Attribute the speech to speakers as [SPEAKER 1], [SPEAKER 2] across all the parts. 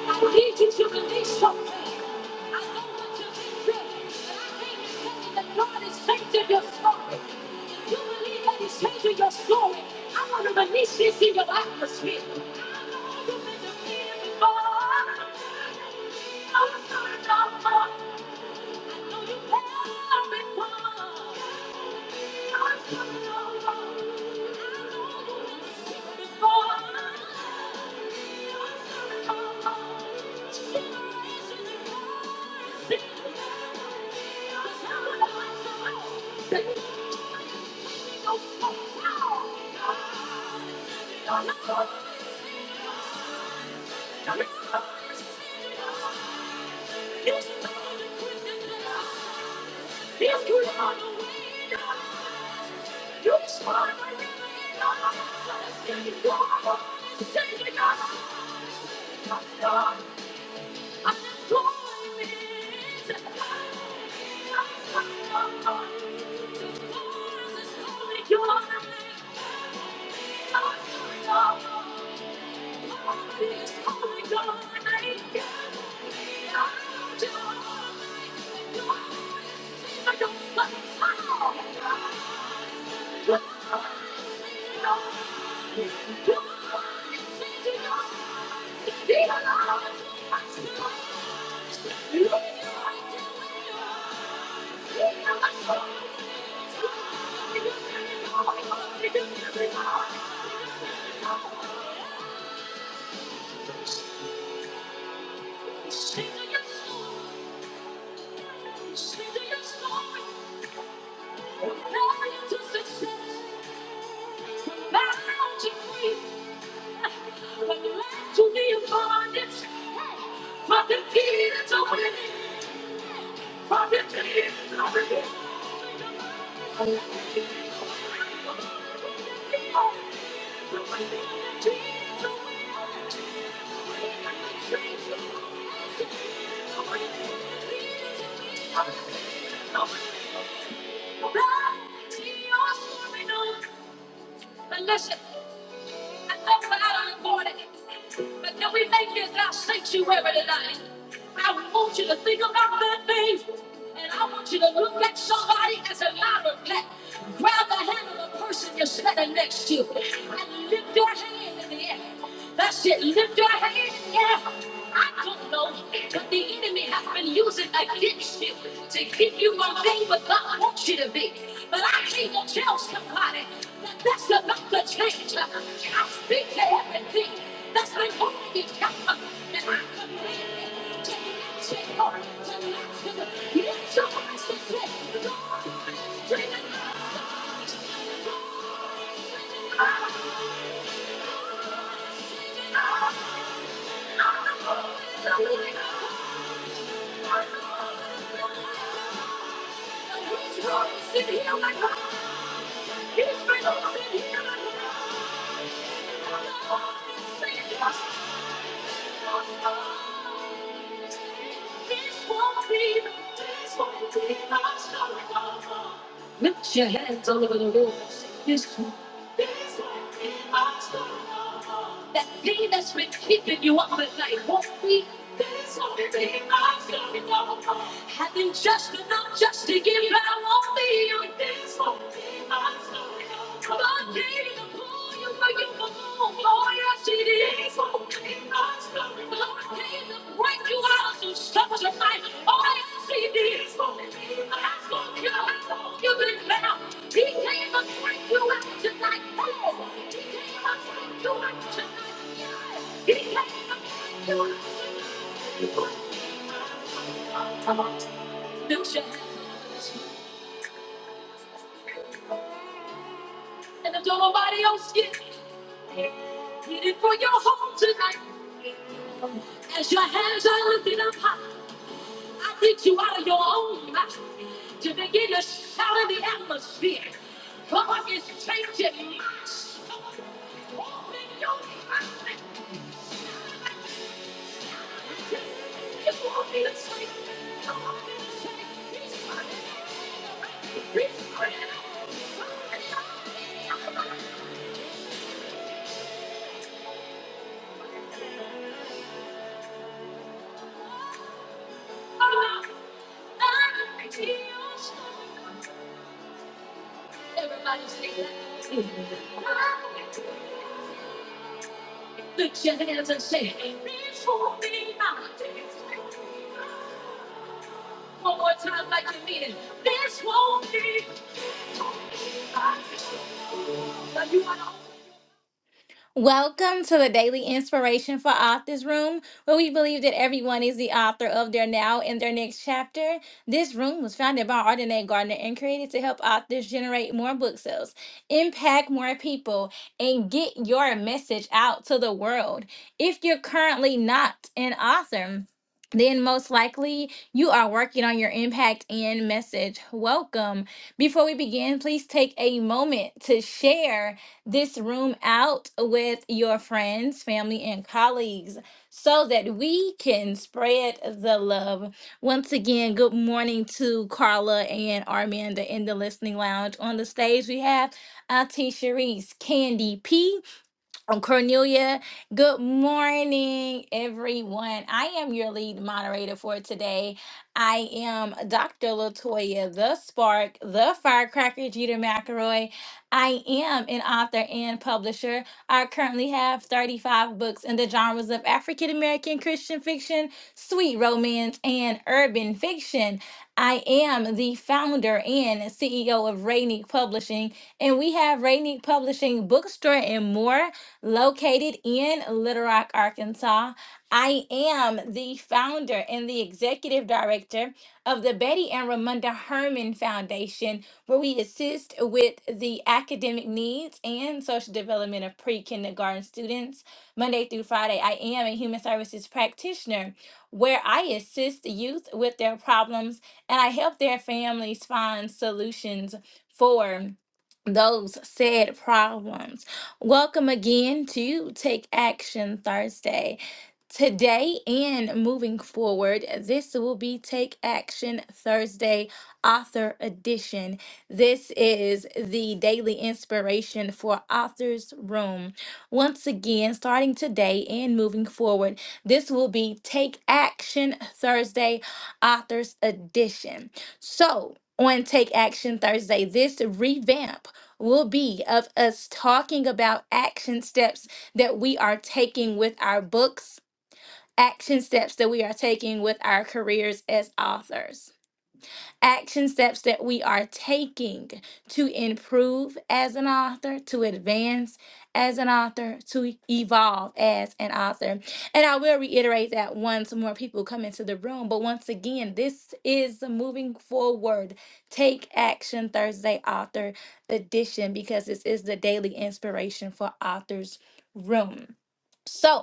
[SPEAKER 1] I need you to believe something. I know what you've been through, but I came to tell you that God is changing your story. If you believe that He's changing your story, I want to release this in your atmosphere. I know you've been defeated before. I'm sorry, no more. I know you've had before. I'm sorry, no more. I know you've been defeated before. You're a supermodel. Generation of stars. They all tell me I'm too old. They make me go, oh no. You're a superstar. You're a superstar. You're a superstar. You're a superstar. You're a superstar. You're a superstar. You're a superstar. You're a superstar. Thank you. Sing your story, sing your story, from failure to success, from battle to free, from lack to the abundance, hey, from defeat to winning, from defeat to winning. From defeat to winning. Unless you and that's not important. But can we make it our sanctuary tonight? I want you to think about that thing. And I want you to look at somebody as a matter of fact. Grab the hand of the person you're standing next to and lift your hand in the air. That's it. Lift your hand in the air. I don't know, but the enemy has been using against you to keep you from being what God wants you to be. But I came to tell somebody that's about to change. I speak to everything that's been holding me captive. And I command you to let it go. To let it go. Lift your voice and say, Lord, it's bringing us. I'm the living God. He's releasing healing. He's rising. releasing healing. The Lord is saying, Lift your hands all over the room. This one. That thing that's been keeping you up at night won't be. There's something I've got to know. Having just enough just to give, but I won't be you. There's something I've got to know. Come on, baby, the pull you where you belong. Oh, yes, it is. There's something I've got to know. Lord, came to break you out of trouble tonight. Oh, yes, it is. There's something I've got to know. You've been bound. He came to break you out tonight. Oh, he came and if nobody else get it, get it for your home tonight. As your hands are lifted up high, I need you out of your own mouth to begin to shout in the atmosphere. God is changing my soul. Open your mouth. Everybody say that. Lift your hands and say, Reach for me now. One more time, like you mean it. This won't be. mine. Now you want to Welcome to the Daily Inspiration for Authors Room, where we believe that everyone is the author of their now and their next chapter. This room was founded by Ardenae Gardner and created to help authors generate more book sales, impact more people, and get your message out to the world. If you're currently not an author, then most likely you are working on your impact and message. Welcome. Before we begin, please take a moment to share this room out with your friends, family, and colleagues so that we can spread the love. Once again, good morning to Carla and Armanda in the listening lounge. On the stage, we have Auntie Sharice, Candy P. Oh, Cornelia, good morning, everyone. I am your lead moderator for today. I am Dr. Latoya, the spark, the firecracker, Jeter McElroy. I am an author and publisher. I currently have 35 books in the genres of African American Christian fiction, sweet romance, and urban fiction. I am the founder and CEO of Rainique Publishing, and we have Rainique Publishing Bookstore and more located in Little Rock, Arkansas. I am the founder and the executive director of the Betty and Ramunda Herman Foundation, where we assist with the academic needs and social development of pre kindergarten students. Monday through Friday, I am a human services practitioner where I assist youth with their problems and I help their families find solutions for those said problems. Welcome again to Take Action Thursday. Today and moving forward, this will be Take Action Thursday Author Edition. This is the daily inspiration for Authors Room. Once again, starting today and moving forward, this will be Take Action Thursday Authors Edition. So, on Take Action Thursday, this revamped will be of us talking about action steps that we are taking with our books, action steps that we are taking with our careers as authors action steps that we are taking to improve as an author, to advance as an author, to evolve as an author. And I will reiterate that once more people come into the room. But once again, this is the moving forward. Take action Thursday author edition because this is the daily inspiration for authors room. So,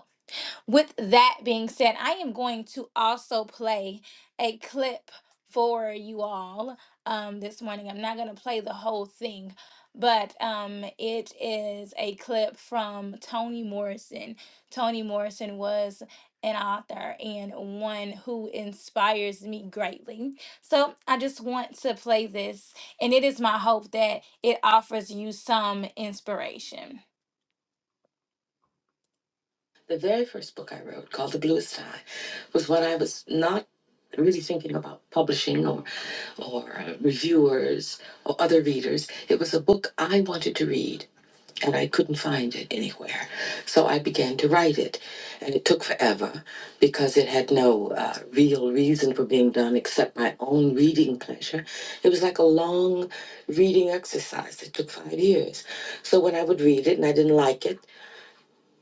[SPEAKER 1] with that being said, I am going to also play a clip for you all um, this morning. I'm not going to play the whole thing, but um, it is a clip from Toni Morrison. Toni Morrison was an author and one who inspires me greatly. So I just want to play this, and it is my hope that it offers you some inspiration. The very first book I wrote, called The Bluest Eye, was when I was not really thinking about publishing or or uh, reviewers or other readers. It was a book I wanted to read and I couldn't find it anywhere. So I began to write it. And it took forever because it had no uh, real reason for being done except my own reading pleasure. It was like a long reading exercise. It took five years. So when I would read it and I didn't like it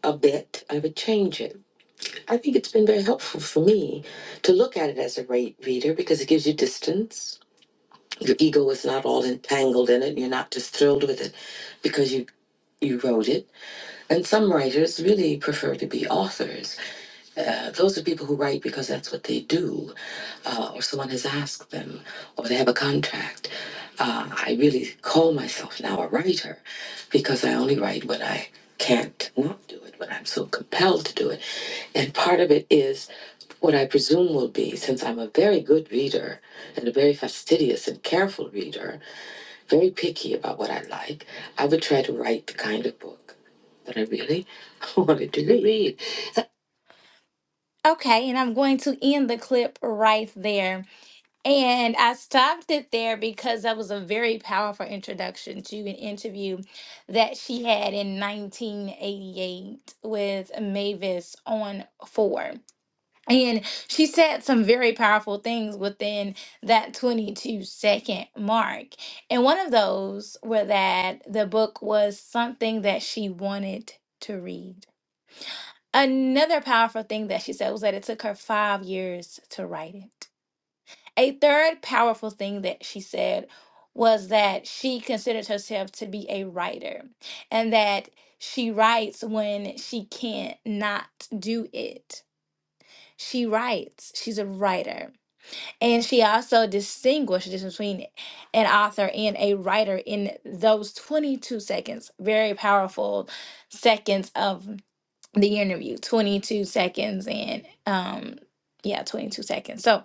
[SPEAKER 1] a bit, I would change it. I think it's been very helpful for me to look at it as a rate reader because it gives you distance. Your ego is not all entangled in it. You're not just thrilled with it because you you wrote it. And some writers really prefer to be authors. Uh, those are people who write because that's what they do, uh, or someone has asked them, or they have a contract. Uh, I really call myself now a writer because I only write when I can't not do it, when I'm so compelled to do it. And part of it is what I presume will be, since I'm a very good reader and a very fastidious and careful reader, very picky about what I like, I would try to write the kind of book that I really wanted to read. Okay, and I'm going to end the clip right there. And I stopped it there because that was a very powerful introduction to an interview that she had in 1988 with Mavis on four. And she said some very powerful things within that 22 second mark. And one of those were that the book was something that she wanted to read. Another powerful thing that she said was that it took her five years to write it. A third powerful thing that she said was that she considers herself to be a writer and that she writes when she can't not do it. She writes, she's a writer. And she also distinguishes between an author and a writer in those 22 seconds, very powerful seconds of the interview 22 seconds and um yeah 22 seconds so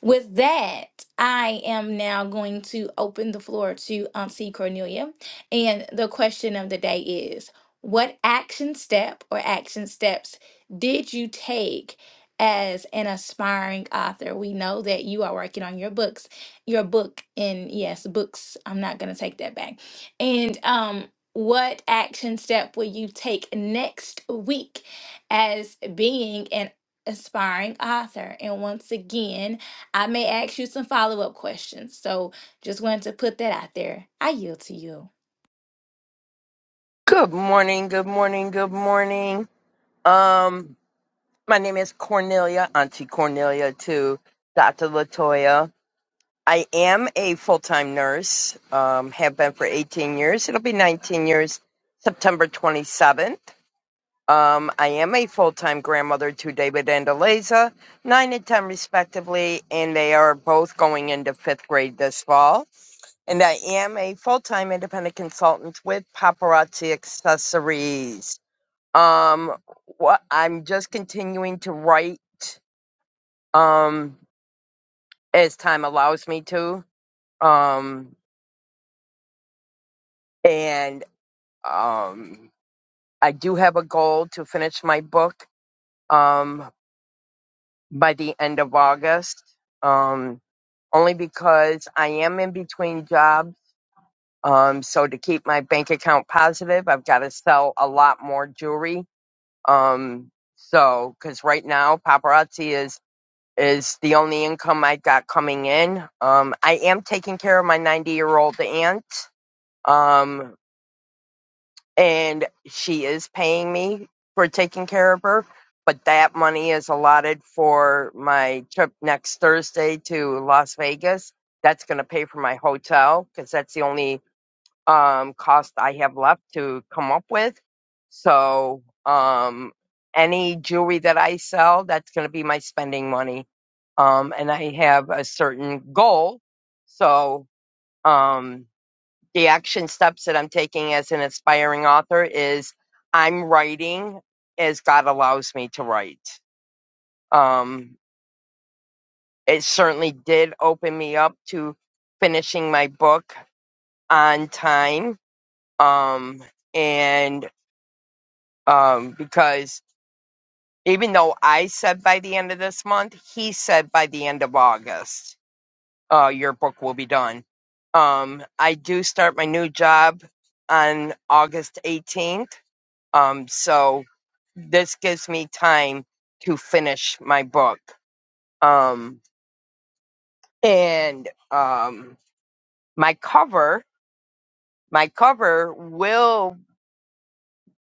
[SPEAKER 1] with that, I am now going to open the floor to Auntie Cornelia. And the question of the day is What action step or action steps did you take as an aspiring author? We know that you are working on your books, your book, and yes, books. I'm not going to take that back. And, um, what action step will you take next week as being an aspiring author? And once again, I may ask you some follow up questions. So just wanted to put that out there. I yield to you.
[SPEAKER 2] Good morning, good morning, good morning. Um, my name is Cornelia, Auntie Cornelia to Dr. Latoya. I am a full-time nurse, um, have been for 18 years. It'll be 19 years, September 27th. Um, I am a full-time grandmother to David and Eliza, 9 and 10 respectively, and they are both going into fifth grade this fall. And I am a full-time independent consultant with Paparazzi Accessories. Um, what I'm just continuing to write um as time allows me to. Um, and um, I do have a goal to finish my book um by the end of August. Um, only because I am in between jobs. Um, so to keep my bank account positive, I've got to sell a lot more jewelry. Um, so because right now paparazzi is is the only income I got coming in. Um, I am taking care of my 90 year old aunt, um, and she is paying me for taking care of her. But that money is allotted for my trip next Thursday to Las Vegas. That's going to pay for my hotel because that's the only um, cost I have left to come up with. So, um, any jewelry that I sell, that's going to be my spending money. Um, and I have a certain goal. So, um, the action steps that I'm taking as an aspiring author is I'm writing as God allows me to write. Um, it certainly did open me up to finishing my book on time. Um, and um, because even though I said by the end of this month, he said by the end of August, uh, your book will be done. Um, I do start my new job on August 18th. Um, so this gives me time to finish my book. Um, and um, my cover, my cover will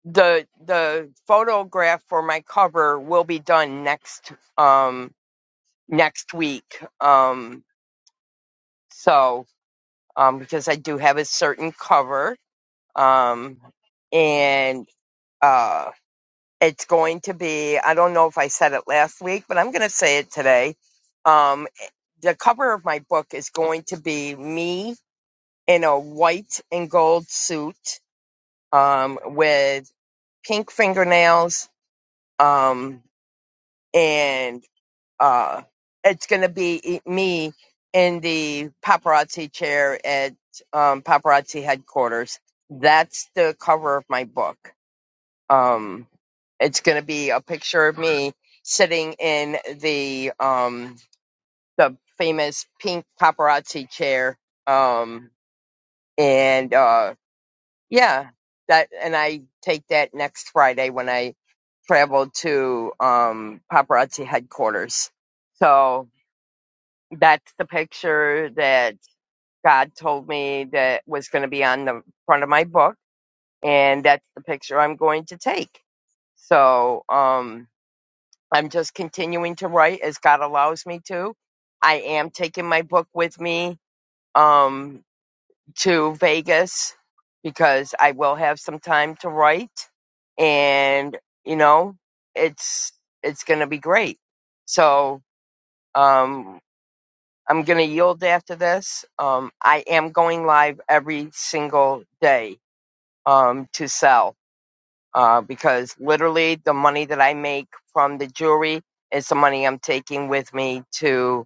[SPEAKER 2] the the photograph for my cover will be done next. Um, next week. Um, so, um, because I do have a certain cover, um, and uh, it's going to be, I don't know if I said it last week, but I'm going to say it today. Um, the cover of my book is going to be me in a white and gold suit um, with pink fingernails um, and uh, it's going to be e, me in the paparazzi chair at um, paparazzi headquarters. That's the cover of my book. Um, it's going to be a picture of me sitting in the um, the famous pink paparazzi chair, um, and uh, yeah, that. And I take that next Friday when I travel to um, paparazzi headquarters. So That's the picture that God told me that was going to be on the front of my book. And that's the picture I'm going to take. So um, I'm just continuing to write as God allows me to. I am taking my book with me um, to Vegas because I will have some time to write, and you know, it's it's going to be great. So um, I'm going to yield after this. Um, I am going live every single day um, to sell uh, because literally the money that I make from the jewelry is the money I'm taking with me to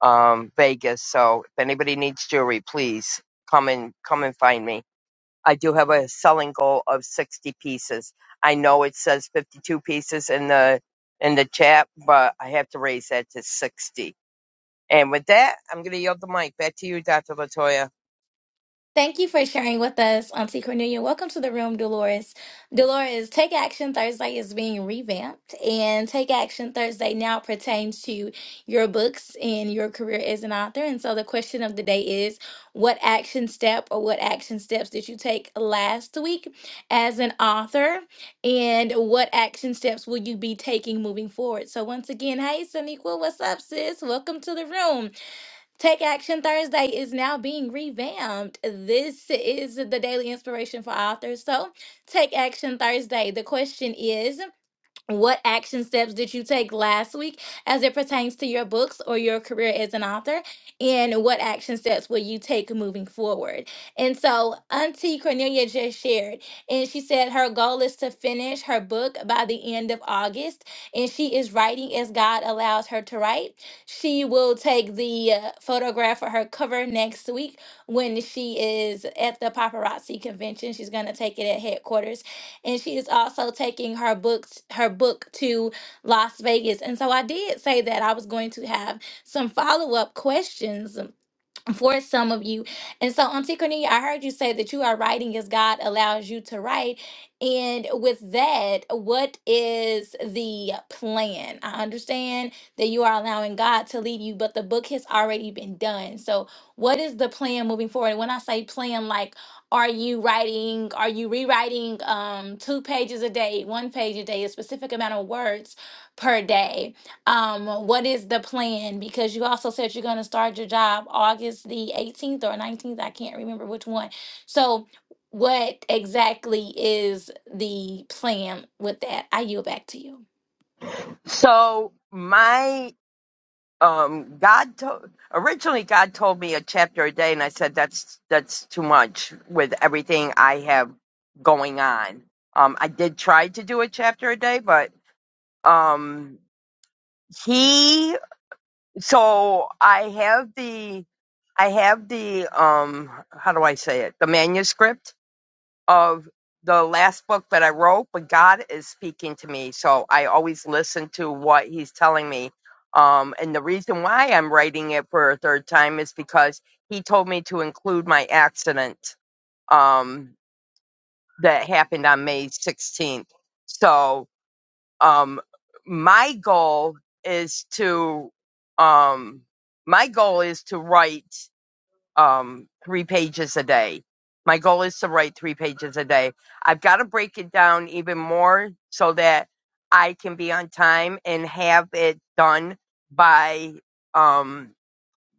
[SPEAKER 2] um, Vegas. So if anybody needs jewelry, please come and come and find me. I do have a selling goal of 60 pieces. I know it says 52 pieces in the in the chat, but I have to raise that to 60 and with that, I'm going to yield the mic back to you, Dr. Latoya.
[SPEAKER 1] Thank you for sharing with us, Auntie Cornelia. Welcome to the room, Dolores. Dolores, Take Action Thursday is being revamped, and Take Action Thursday now pertains to your books and your career as an author. And so the question of the day is what action step or what action steps did you take last week as an author? And what action steps will you be taking moving forward? So, once again, hey, Saniqua, what's up, sis? Welcome to the room. Take Action Thursday is now being revamped. This is the daily inspiration for authors. So, Take Action Thursday. The question is what action steps did you take last week as it pertains to your books or your career as an author and what action steps will you take moving forward and so auntie cornelia just shared and she said her goal is to finish her book by the end of august and she is writing as god allows her to write she will take the uh, photograph for her cover next week when she is at the paparazzi convention she's going to take it at headquarters and she is also taking her books her book to Las Vegas. And so I did say that I was going to have some follow-up questions for some of you. And so, Auntie Cornelia, I heard you say that you are writing as God allows you to write. And with that, what is the plan? I understand that you are allowing God to lead you, but the book has already been done. So, what is the plan moving forward? When I say plan, like, are you writing, are you rewriting um, two pages a day, one page a day, a specific amount of words per day? um what is the plan because you also said you're going to start your job august the 18th or 19th i can't remember which one so what exactly is the plan with that i yield back to you
[SPEAKER 2] So my um, God to- originally God told me a chapter a day, and I said that's that's too much with everything I have going on. Um, I did try to do a chapter a day, but um, he so I have the I have the um how do I say it the manuscript of the last book that I wrote, but God is speaking to me. So I always listen to what He's telling me. Um, and the reason why I'm writing it for a third time is because He told me to include my accident um, that happened on May 16th. So um, my goal is to um, my goal is to write um, three pages a day. My goal is to write three pages a day. I've got to break it down even more so that I can be on time and have it done by um,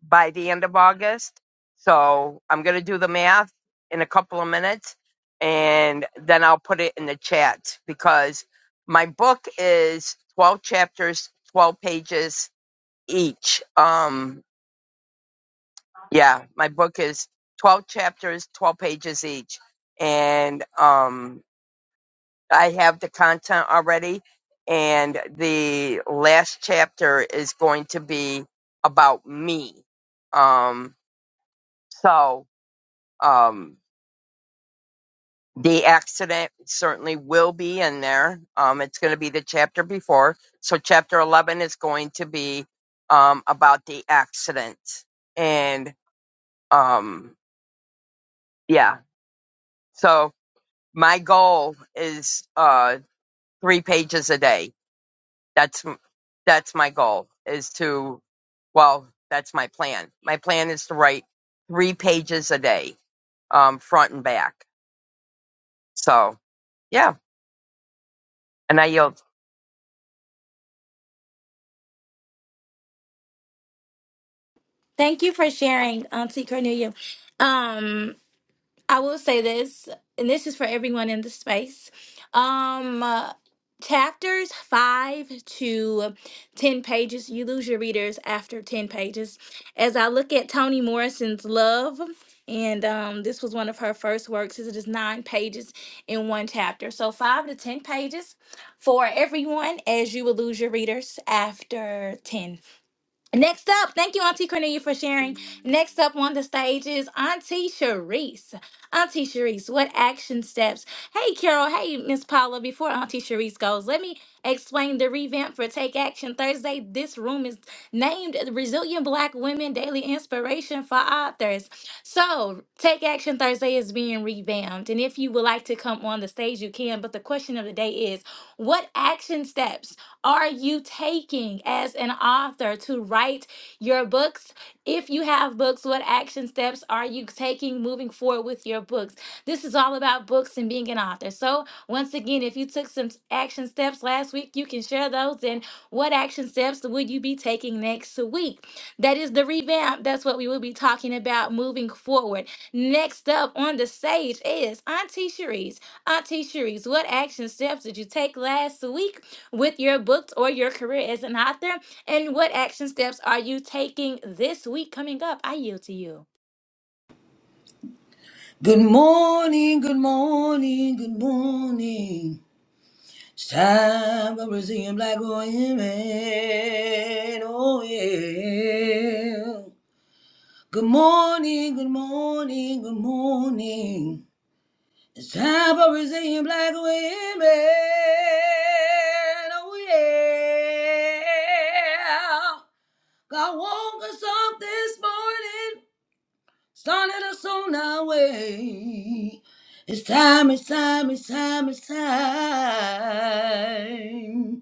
[SPEAKER 2] by the end of August. So I'm gonna do the math in a couple of minutes, and then I'll put it in the chat because my book is 12 chapters, 12 pages each. Um, yeah my book is 12 chapters 12 pages each and um i have the content already and the last chapter is going to be about me um so um the accident certainly will be in there um it's going to be the chapter before so chapter 11 is going to be um about the accident and um yeah so my goal is uh three pages a day that's that's my goal is to well that's my plan my plan is to write three pages a day um front and back so yeah and i yield
[SPEAKER 1] thank you for sharing auntie cornelia um I will say this, and this is for everyone in the space. Um, uh, chapters five to ten pages, you lose your readers after ten pages. As I look at Toni Morrison's Love, and um, this was one of her first works, is it is nine pages in one chapter. So five to ten pages for everyone, as you will lose your readers after ten. Next up, thank you, Auntie Cornelia, for sharing. Next up on the stage is Auntie Sharice. Auntie Sharice, what action steps? Hey, Carol. Hey, Miss Paula. Before Auntie Sharice goes, let me explain the revamp for Take Action Thursday. This room is named Resilient Black Women Daily Inspiration for Authors. So, Take Action Thursday is being revamped. And if you would like to come on the stage, you can. But the question of the day is what action steps? are you taking as an author to write your books? If you have books, what action steps are you taking moving forward with your books? This is all about books and being an author. So, once again, if you took some action steps last week, you can share those. And what action steps would you be taking next week? That is the revamp. That's what we will be talking about moving forward. Next up on the stage is Auntie Cherise. Auntie Cherise, what action steps did you take last week? with your books or your career as an author? And what action steps are you taking this week coming up? I yield to you.
[SPEAKER 3] Good morning, good morning, good morning. It's time for Brazilian black women. Oh yeah. Good morning, good morning, good morning. It's time for Brazilian black women. Oh yeah. God woke us up this morning started us on our way. It's time, it's time, it's time, it's time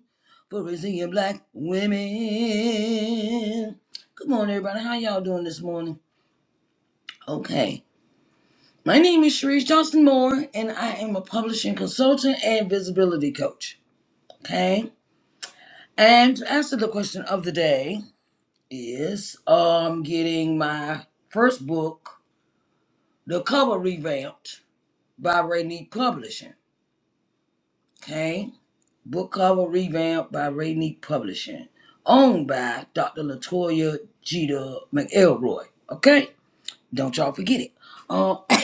[SPEAKER 3] for Brazilian black women. Good morning, everybody. How y'all doing this morning? Okay. My name is Sharice Johnson Moore, and I am a publishing consultant and visibility coach. Okay. And to answer the question of the day is um getting my first book, the cover revamped by Rainique Publishing. Okay, book cover revamp by Rainique Publishing, owned by Dr. Latoya Jeter McElroy. Okay, don't y'all forget it. Um,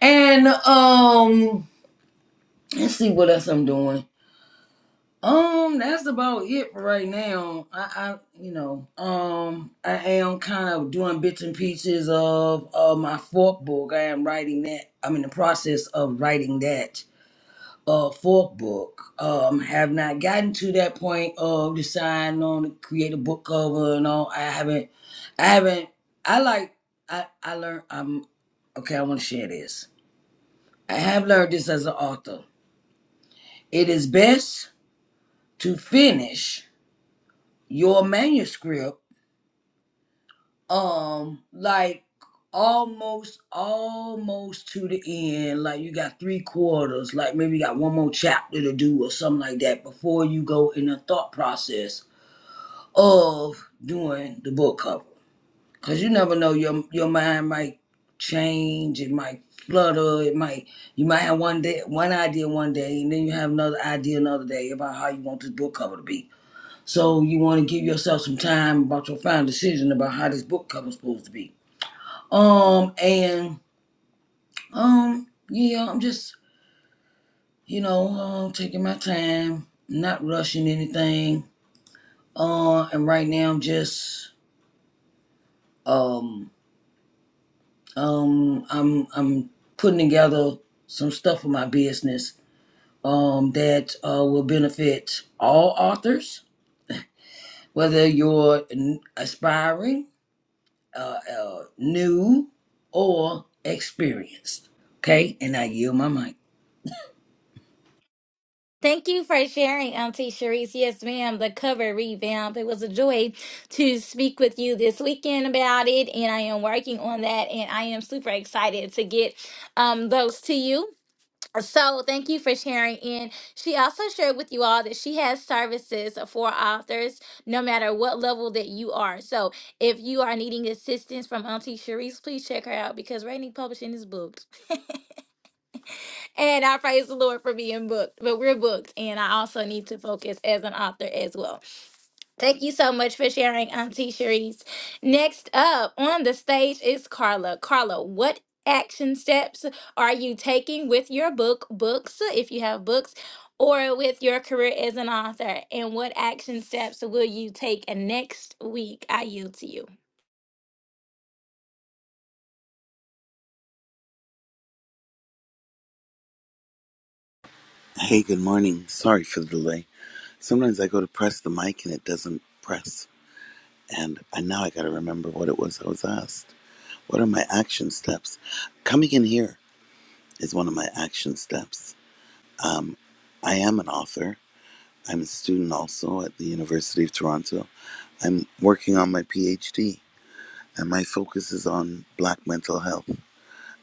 [SPEAKER 3] and um, let's see what else I'm doing. Um, that's about it for right now. I, I you know, um, I am kind of doing bits and pieces of of my fourth book. I am writing that. I'm in the process of writing that uh fourth book um have not gotten to that point of deciding on to create a book cover and all i haven't i haven't i like i i learned i'm okay i want to share this i have learned this as an author it is best to finish your manuscript um like almost almost to the end like you got three quarters like maybe you got one more chapter to do or something like that before you go in a thought process of doing the book cover because you never know your your mind might change it might flutter it might you might have one day one idea one day and then you have another idea another day about how you want this book cover to be so you want to give yourself some time about your final decision about how this book cover is supposed to be um and um yeah i'm just you know um taking my time not rushing anything uh and right now i'm just um Um, I'm I'm putting together some stuff for my business um, that uh, will benefit all authors, whether you're n- aspiring, uh, uh, new, or experienced. Okay, and I yield my mic.
[SPEAKER 1] Thank you for sharing, Auntie Sharice. Yes, ma'am, the cover revamp. It was a joy to speak with you this weekend about it, and I am working on that, and I am super excited to get um, those to you. So thank you for sharing. And she also shared with you all that she has services for authors, no matter what level that you are. So if you are needing assistance from Auntie Sharice, please check her out because Rainy Publishing is booked. And I praise the Lord for being booked, but we're booked. And I also need to focus as an author as well. Thank you so much for sharing, Auntie Sharice. Next up on the stage is Carla. Carla, what action steps are you taking with your book, books, if you have books, or with your career as an author? And what action steps will you take uh, next week? I yield to you.
[SPEAKER 4] Hey, good morning. Sorry for the delay. Sometimes I go to press the mic and it doesn't press. And I, now I got to remember what it was I was asked. What are my action steps? Coming in here is one of my action steps. I am an author. I'm a student also at the University of Toronto. I'm working on my PhD, and my focus is on Black mental health.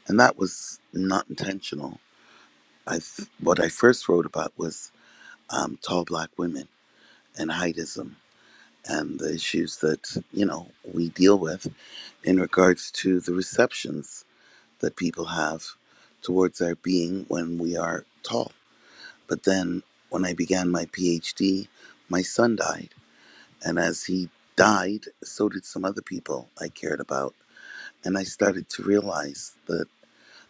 [SPEAKER 4] And that was not intentional. I what I first wrote about was um, tall Black women and heightism and the issues that you know we deal with in regards to the receptions that people have towards our being when we are tall. But then when I began my PhD, my son died. And as he died, so did some other people I cared about. And I started to realize that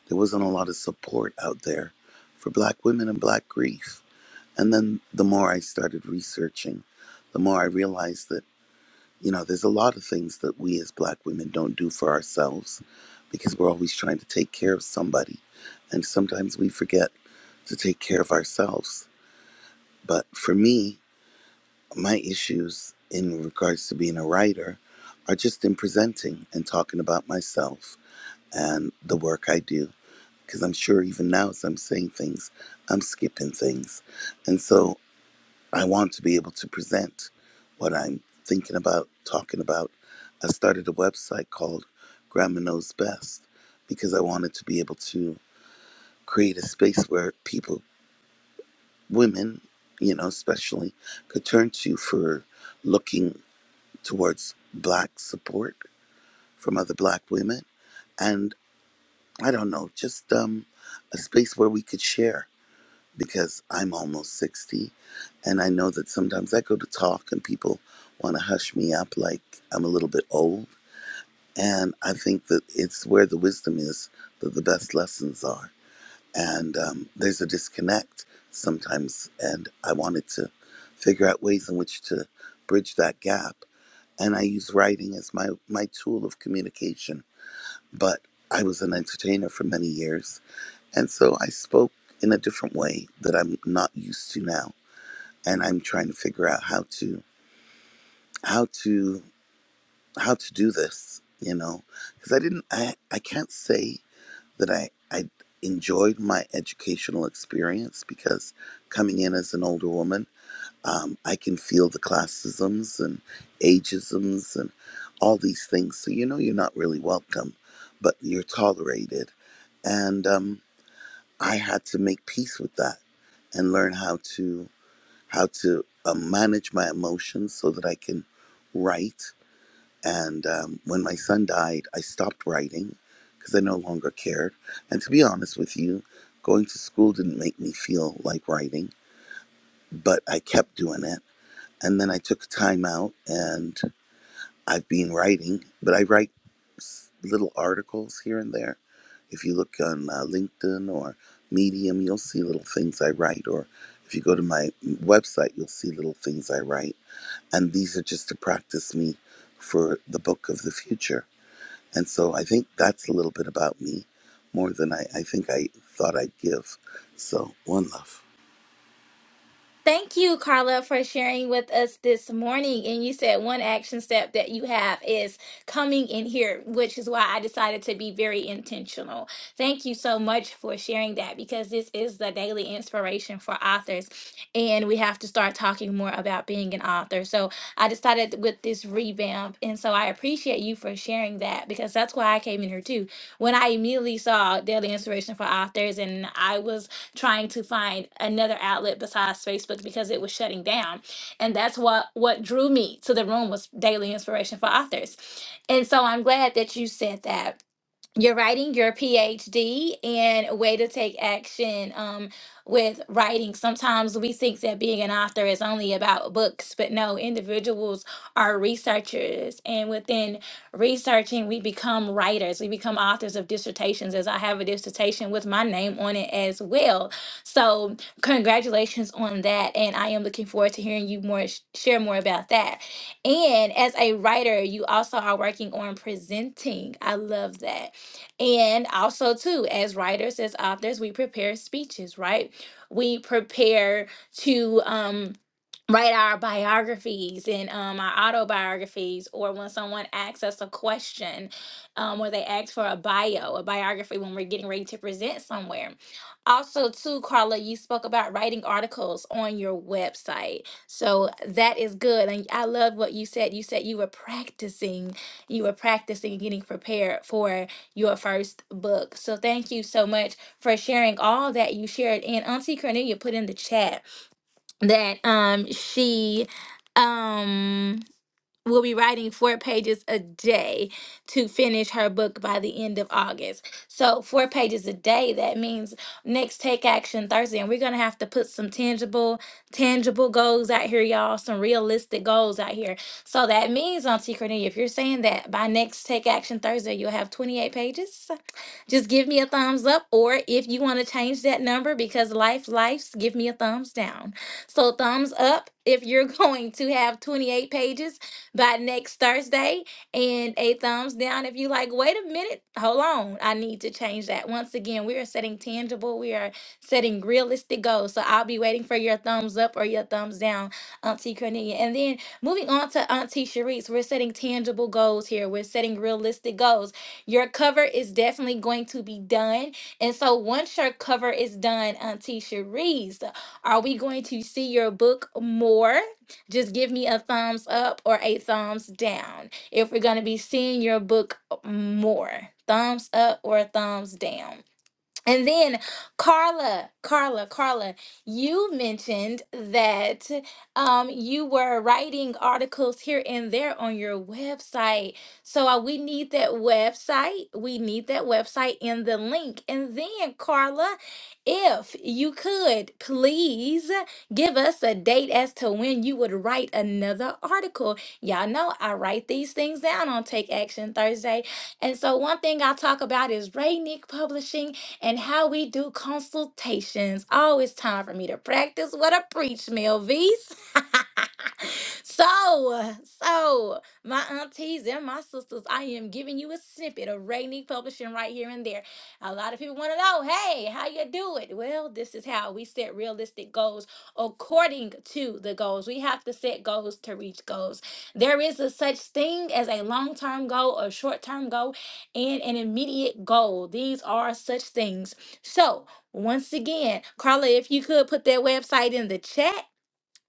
[SPEAKER 4] there wasn't a lot of support out there for Black women and Black grief. And then the more I started researching, the more I realized that you know, there's a lot of things that we as black women don't do for ourselves because we're always trying to take care of somebody. And sometimes we forget to take care of ourselves. But for me, my issues in regards to being a writer are just in presenting and talking about myself and the work I do. Because I'm sure even now, as I'm saying things, I'm skipping things. And so I want to be able to present what I'm thinking about, talking about. I started a website called Grandma Knows Best because I wanted to be able to create a space where people, women, you know, especially, could turn to for looking towards Black support from other Black women. And I don't know, just um, a space where we could share. because I'm almost 60. And I know that sometimes I go to talk and people want to hush me up like I'm a little bit old. And I think that it's where the wisdom is that the best lessons are. And um, there's a disconnect sometimes. And I wanted to figure out ways in which to bridge that gap. And I use writing as my, my tool of communication. But I was an entertainer for many years. And so I spoke in a different way that I'm not used to now and I'm trying to figure out how to how to how to do this, you know, because I didn't I I can't say that I I enjoyed my educational experience because coming in as an older woman, um, I can feel the classisms and ageisms and all these things. So you know you're not really welcome, but you're tolerated, and um, I had to make peace with that and learn how to how to uh, manage my emotions so that I can write. And um, when my son died, I stopped writing because I no longer cared. And to be honest with you, going to school didn't make me feel like writing, but I kept doing it. And then I took time out, and I've been writing, but I write little articles here and there. If you look on uh, LinkedIn or Medium, you'll see little things I write. Or if you go to my website, you'll see little things I write. And these are just to practice me for the book of the future. And so I think that's a little bit about me more than I, I think I thought I'd give. So, one love.
[SPEAKER 1] Thank you, Carla, for sharing with us this morning. And you said one action step that you have is coming in here, which is why I decided to be very intentional. Thank you so much for sharing that because this is the daily inspiration for authors. And we have to start talking more about being an author. So I decided with this revamp. And so I appreciate you for sharing that because that's why I came in here too. When I immediately saw daily inspiration for authors and I was trying to find another outlet besides Facebook because it was shutting down. And that's what what drew me to the room was daily inspiration for authors. And so I'm glad that you said that you're writing your PhD and a way to take action um, with writing. Sometimes we think that being an author is only about books, but no, individuals are researchers. And within researching, we become writers, we become authors of dissertations, as I have a dissertation with my name on it as well. So, congratulations on that. And I am looking forward to hearing you more share more about that. And as a writer, you also are working on presenting. I love that and also, too, as writers, as authors, we prepare speeches, right? We prepare to um, write our biographies and um, our autobiographies, or when someone asks us a question, um, or they ask for a bio, a biography, when we're getting ready to present somewhere. Also, too, Carla, you spoke about writing articles on your website. So that is good. And I love what you said. You said you were practicing, you were practicing getting prepared for your first book. So thank you so much for sharing all that you shared. And Auntie Cornelia put in the chat that um she um will be writing four pages a day to finish her book by the end of August. So four pages a day, that means next take action Thursday. And we're gonna have to put some tangible, tangible goals out here, y'all, some realistic goals out here. So that means, Auntie Cornelia, if you're saying that by next Take Action Thursday, you'll have 28 pages. Just give me a thumbs up, or if you want to change that number because life, life's, give me a thumbs down. So, thumbs up if you're going to have 28 pages by next Thursday, and a thumbs down if you like, wait a minute, hold on, I need to change that. Once again, we are setting tangible, we are setting realistic goals. So, I'll be waiting for your thumbs up or your thumbs down, Auntie Cornelia. And then Moving on to Auntie Sharice, we're setting tangible goals here. We're setting realistic goals. Your cover is definitely going to be done. And so once your cover is done, Auntie Cherise, are we going to see your book more? Just give me a thumbs up or a thumbs down if we're going to be seeing your book more. Thumbs up or thumbs down. And then Carla, Carla, Carla, you mentioned that um, you were writing articles here and there on your website. So uh, we need that website. We need that website in the link. And then, Carla, if you could please give us a date as to when you would write another article. Y'all know I write these things down on Take Action Thursday. And so, one thing I talk about is Raynick Publishing and how we do consultations. Always time for me to practice what I preach, Melvies. So, so my aunties and my sisters, I am giving you a snippet of Rainy Publishing right here and there. A lot of people want to know, hey, how you do it? Well, this is how we set realistic goals according to the goals. We have to set goals to reach goals. There is a such thing as a long-term goal, a short-term goal, and an immediate goal. These are such things. So, once again, Carla, if you could put that website in the chat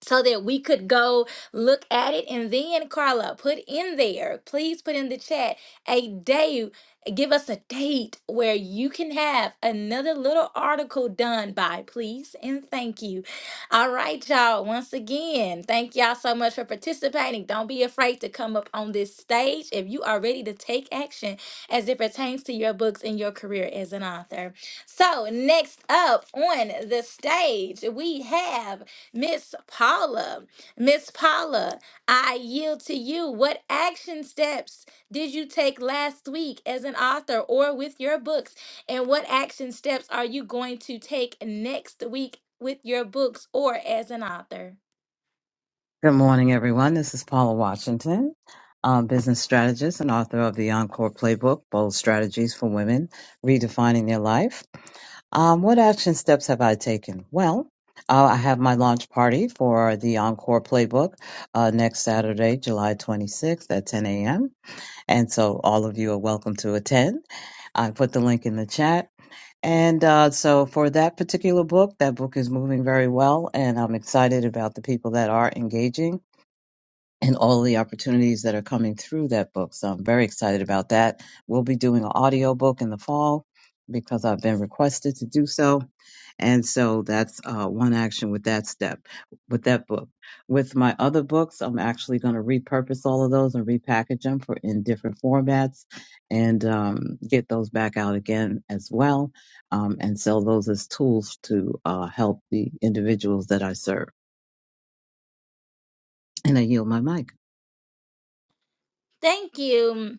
[SPEAKER 1] so that we could go look at it. And then, Carla, put in there, please put in the chat a day, give us a date where you can have another little article done by, please. And thank you. All right, y'all. Once again, thank y'all so much for participating. Don't be afraid to come up on this stage if you are ready to take action as it pertains to your books and your career as an author. So, next up on the stage, we have. Miss Paula, Miss Paula, I yield to you. What action steps did you take last week as an author or with your books? And what action steps are you going to take next week with your books or as an author?
[SPEAKER 5] Good morning, everyone. This is Paula Washington, um, business strategist and author of the Encore Playbook, Bold Strategies for Women, Redefining Their Life. Um, what action steps have I taken? Well, uh, I have my launch party for the Encore Playbook uh, next Saturday, July 26th at 10 a.m. And so all of you are welcome to attend. I put the link in the chat. And uh, so for that particular book, that book is moving very well, and I'm excited about the people that are engaging and all the opportunities that are coming through that book. So I'm very excited about that. We'll be doing an audio book in the fall because I've been requested to do so. And so that's uh, one action with that step, with that book. With my other books, I'm actually going to repurpose all of those and repackage them for in different formats and um, get those back out again as well um, and sell those as tools to uh, help the individuals that I serve. And I yield my mic.
[SPEAKER 1] Thank you.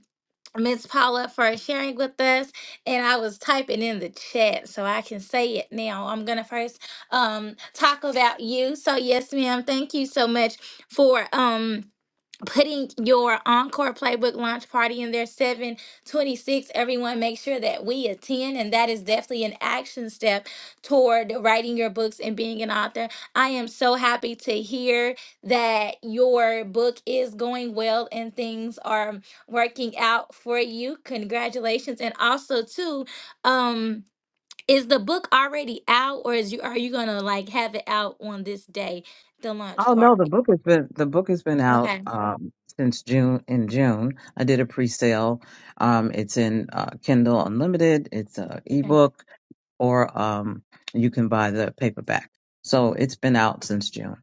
[SPEAKER 1] Miss Paula for sharing with us, and I was typing in the chat so I can say it now. I'm gonna first um talk about you. So yes, ma'am. Thank you so much for um putting your encore playbook launch party in there 726 everyone make sure that we attend and that is definitely an action step toward writing your books and being an author i am so happy to hear that your book is going well and things are working out for you congratulations and also too um is the book already out or is you are you gonna like have it out on this day the launch
[SPEAKER 5] Oh no, the
[SPEAKER 1] party
[SPEAKER 5] book has been the book has been out
[SPEAKER 1] okay
[SPEAKER 5] um, since June. In June, I did a pre-sale. Um, it's in uh, Kindle Unlimited. It's an ebook, or um, you can buy the paperback. So it's been out since June.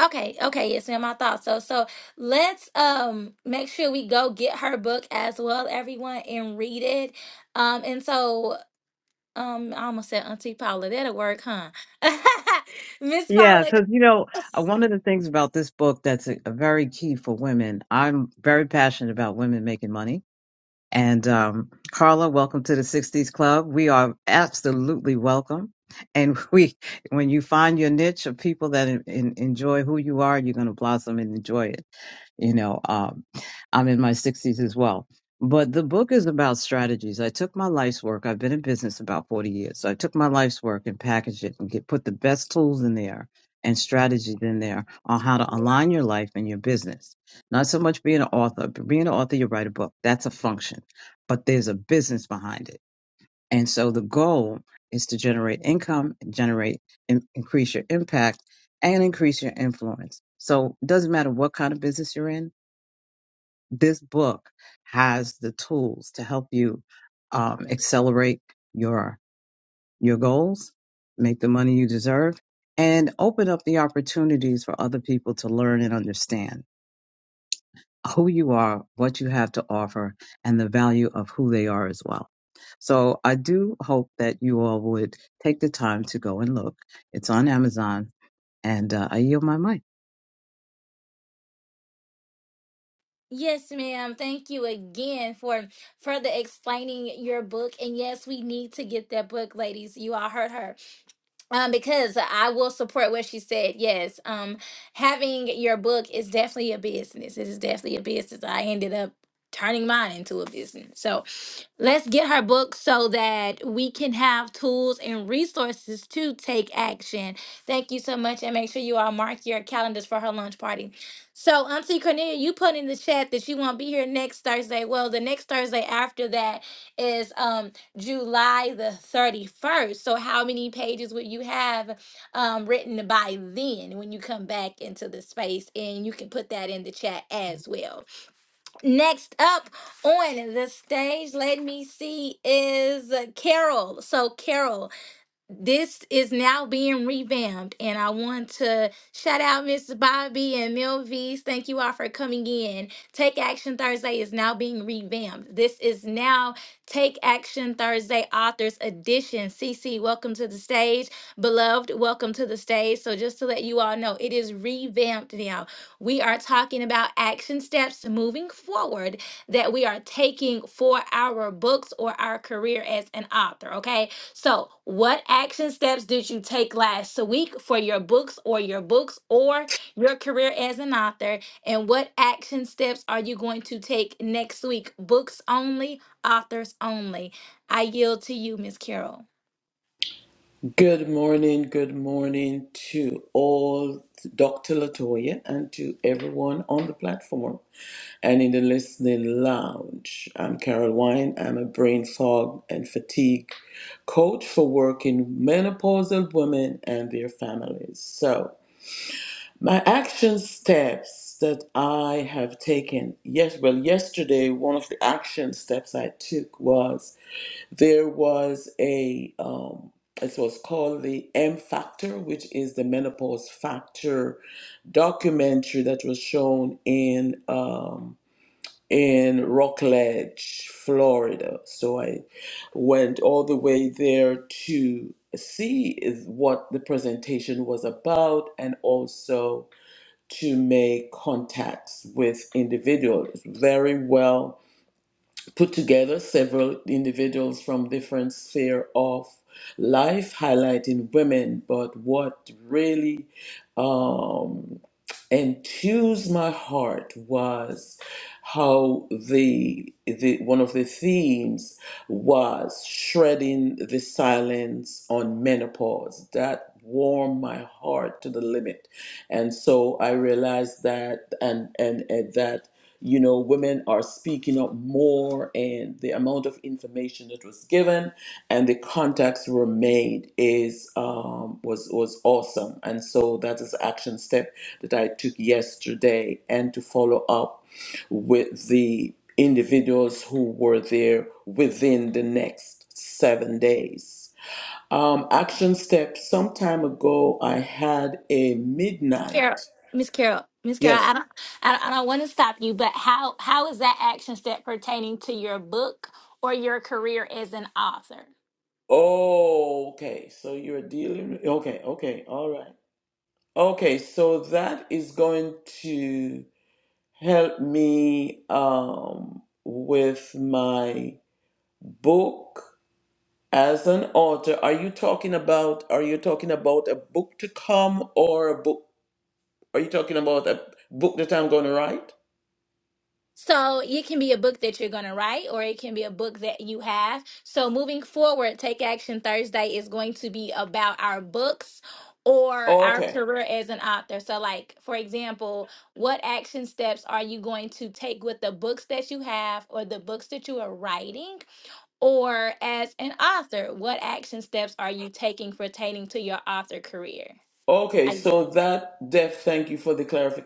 [SPEAKER 1] Okay, okay, yes, ma'am. I thought So so let's um make sure we go get her book as well, everyone, and read it. Um and so um I almost said Auntie Paula, that'll work, huh? Miss
[SPEAKER 5] Yeah,
[SPEAKER 1] Paula,
[SPEAKER 5] because you know uh, one of the things about this book that's a, a very key for women. I'm very passionate about women making money And um, Carla, welcome to the 60s Club. We are absolutely welcome. And we, when you find your niche of people that en- en- enjoy who you are, you're going to blossom and enjoy it. You know, um, I'm in my 60s as well. But the book is about strategies. I took my life's work. I've been in business about 40 years. So I took my life's work and packaged it and get, put the best tools in there and strategies in there on how to align your life and your business. Not so much being an author. but Being an author, you write a book. That's a function, but there's a business behind it. And so the goal is to generate income, generate, in, increase your impact and increase your influence. So it doesn't matter what kind of business you're in this book has the tools to help you um, accelerate your your goals, make the money you deserve, and open up the opportunities for other people to learn and understand who you are, what you have to offer, and the value of who they are as well. So I do hope that you all would take the time to go and look. It's on Amazon, and uh, I yield my mic.
[SPEAKER 1] Yes, ma'am. Thank you again for further explaining your book. And yes, we need to get that book, ladies. You all heard her. um, because I will support what she said. Yes, um, having your book is definitely a business. It is definitely a business. I ended up turning mine into a business. So Let's get her book so that we can have tools and resources to take action. Thank you so much. And make sure you all mark your calendars for her lunch party. So, Auntie Cornelia, you put in the chat that you won't be here next Thursday. Well, the next Thursday after that is um, July the 31st. So, how many pages would you have um, written by then when you come back into the space? And you can put that in the chat as well. Next up on the stage, let me see, is Carol. So, Carol, this is now being revamped and i want to shout out miss bobby and milvies thank you all for coming in take action thursday is now being revamped this is now take action thursday authors edition cc welcome to the stage beloved welcome to the stage so just to let you all know it is revamped now we are talking about action steps moving forward that we are taking for our books or our career as an author okay so, what action steps did you take last week for your books or your books or your career as an author? And what action steps are you going to take next week? Books only, authors only. I yield to you, Miss Carol.
[SPEAKER 6] Good morning, good morning to all, Dr. Latoya, and to everyone on the platform and in the listening lounge. I'm Carol Wine. I'm a brain fog and fatigue coach for working menopausal women and their families. So, my action steps that I have taken, yes, well, yesterday, one of the action steps I took was there was a um it was called the M Factor, which is the menopause factor documentary that was shown in um in Rockledge, Florida. So I went all the way there to see is what the presentation was about and also to make contacts with individuals. Very well put together several individuals from different sphere of life highlighting women but what really um, and choose my heart was how the, the one of the themes was shredding the silence on menopause that warmed my heart to the limit and so i realized that and and, and that you know women are speaking up more and the amount amount of information that was given and the contacts were made is um, was was awesome and so that is action step that i took yesterday and to follow up with the individuals who were there within the next seven days um, action step some time ago i had a
[SPEAKER 1] Carol,
[SPEAKER 6] midnight
[SPEAKER 1] Miss Carol, Miss Carol.
[SPEAKER 6] yes
[SPEAKER 1] I don't, I don't, I don't want to stop you, but how how is that action step pertaining to your book or your career as an author?
[SPEAKER 6] oh okay so you're dealing okay okay all right Okay, so that is going to help me um, with my book as an author. Are you talking about are you talking about a book to come or a book? Are you talking about a book that I'm going to write?
[SPEAKER 1] So it can be a book that you're going to write, or it can be a book that you have. So moving forward, Take Action Thursday is going to be about our books or our
[SPEAKER 6] Okay.
[SPEAKER 1] career as an author. So, like for example, what action steps are you going to take with the books that you have, or the books that you are writing, or as an author? What action steps are you taking pertaining to your author career?
[SPEAKER 6] Okay,
[SPEAKER 1] I
[SPEAKER 6] so that deaf, thank you for the clarif-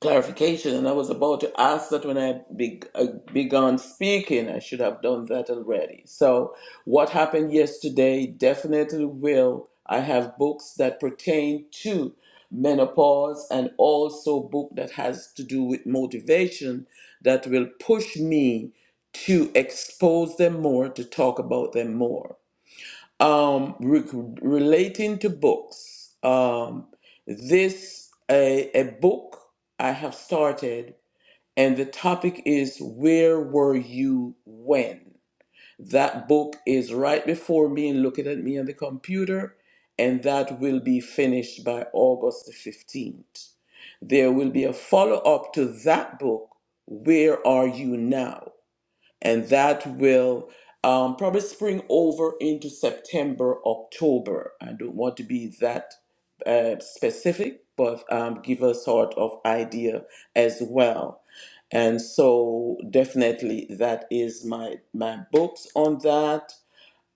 [SPEAKER 6] clarification. And I was about to ask that when I be- uh, began speaking, I should have done that already. So, what happened yesterday definitely will. I have books that pertain to menopause and also book that has to do with motivation that will push me to expose them more, to talk about them more um, re- relating to books. Um, this a, a book I have started, and the topic is "Where were you when?" That book is right before me and looking at me on the computer, and that will be finished by August the fifteenth. There will be a follow up to that book. Where are you now? and that will um, probably spring over into September, October. I don't want to be that uh, specific, but um, give a sort of idea as well. And so, definitely, that is my my books on that.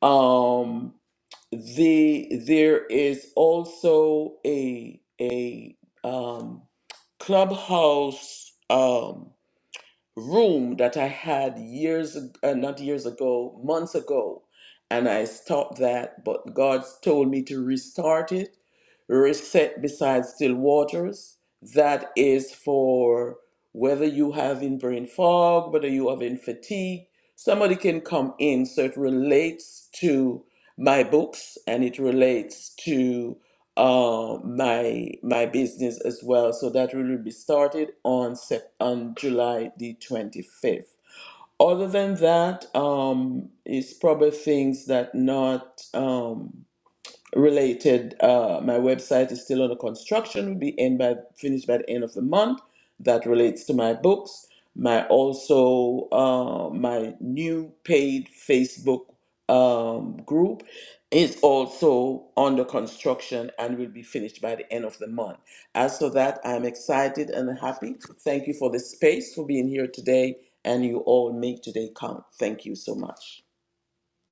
[SPEAKER 6] Um, the there is also a a um, clubhouse. Um, room that I had years, uh, not years ago, months ago, and I stopped that, but God told me to restart it, reset beside still waters. That is for whether you have in brain fog, whether you have in fatigue, somebody can come in. So it relates to my books and it relates to uh, my my business as well. So that will be started on Sep- on July the 25th. Other than that, um, it's probably things that not. um related. Uh, my website is still under construction. Will be end by finished by the end of the month. That relates to my books. My also uh, my new paid Facebook um, group is also under construction and will be finished by the end of the month. As for that, I'm excited and happy. Thank you for the space for being here today, and you all make today count. Thank you so much.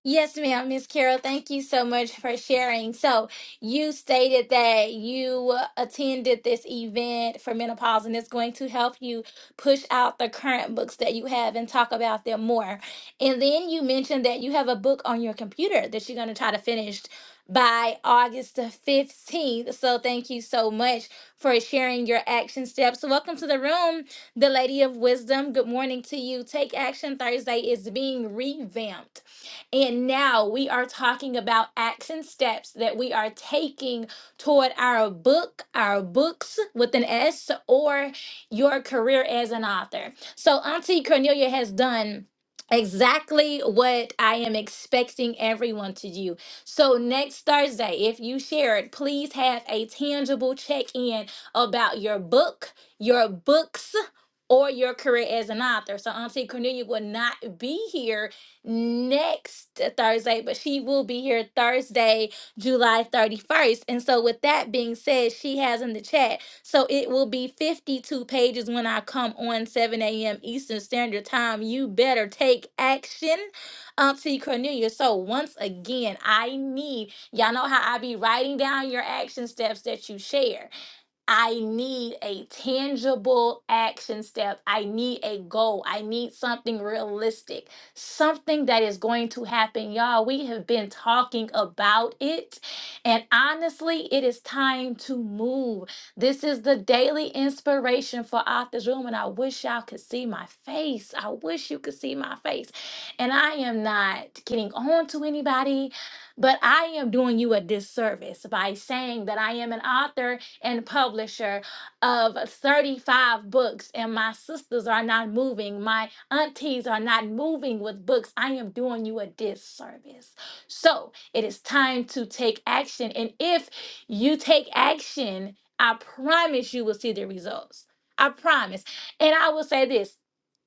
[SPEAKER 1] Yes, ma'am, Miss Carol, thank you so much for sharing. So, you stated that you attended this event for menopause and it's going to help you push out the current books that you have and talk about them more. And then you mentioned that you have a book on your computer that you're going to try to finish by August the 15th. So, thank you so much for sharing your action steps. So, Welcome to the room, the Lady of Wisdom. Good morning to you. Take Action Thursday is being revamped. And now we are talking about action steps that we are taking toward our book, our books with an S, or your career as an author. So, Auntie Cornelia has done. Exactly what I am expecting everyone to do. So, next Thursday, if you share it, please have a tangible check in about your book, your books, or your career as an author. So Auntie Cornelia will not be here next Thursday, but she will be here Thursday, July 31st. And so, with that being said, she has in the chat. So, it will be 52 pages when I come on 7 a.m. Eastern Standard Time. You better take action, Auntie Cornelia. So, once again, I need y'all know how I be writing down your action steps that you share. I need a tangible action step. I need a goal. I need something realistic, something that is going to happen. Y'all, we have been talking about it. And honestly, it is time to move. This is the daily inspiration for Authors Room. And I wish y'all could see my face. I wish you could see my face. And I am not getting on to anybody, but I am doing you a disservice by saying that I am an author and publisher of 35 books, and my sisters are not moving. My aunties are not moving with books. I am doing you a disservice. So it is time to take action. And if you take action, I promise you will see the results. I promise. And I will say this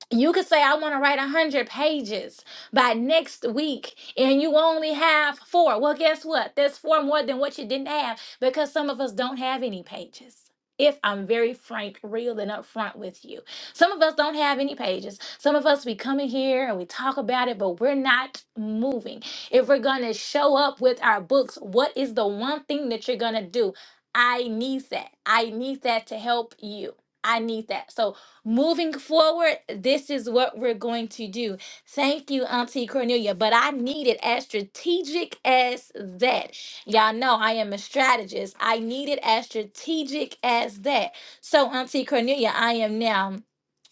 [SPEAKER 1] you could say i want to write 100 pages by next week and you only have four well guess what There's four more than what you didn't have because some of us don't have any pages if i'm very frank real and upfront with you some of us don't have any pages some of us we come in here and we talk about it but we're not moving if we're gonna show up with our books what is the one thing that you're gonna do i need that i need that to help you i need that so Moving forward, this is what we're going to do. Thank you, Auntie Cornelia. But I need it as strategic as that. Y'all know I am a strategist. I need it as strategic as that. So, Auntie Cornelia, I am now.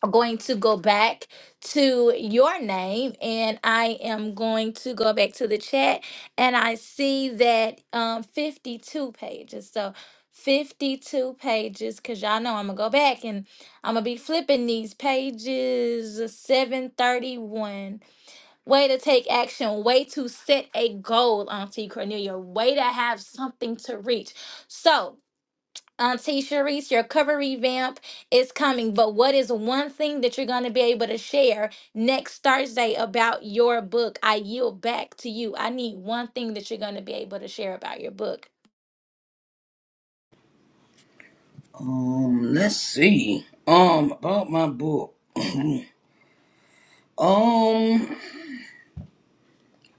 [SPEAKER 1] Going to go back to your name, and I am going to go back to the chat, and I see that um fifty-two pages. So fifty-two pages, cause y'all know I'm gonna go back and I'm gonna be flipping these pages. Seven thirty-one. Way to take action. Way to set a goal, Auntie Cornelia. Way to have something to reach. So um, T. Sharice, your cover revamp is coming. But what is one thing that you're going to be able to share next Thursday about your book? I yield back to you. I need one thing that you're going to be able to share about your book.
[SPEAKER 3] Um, let's see. Um, about my book. um,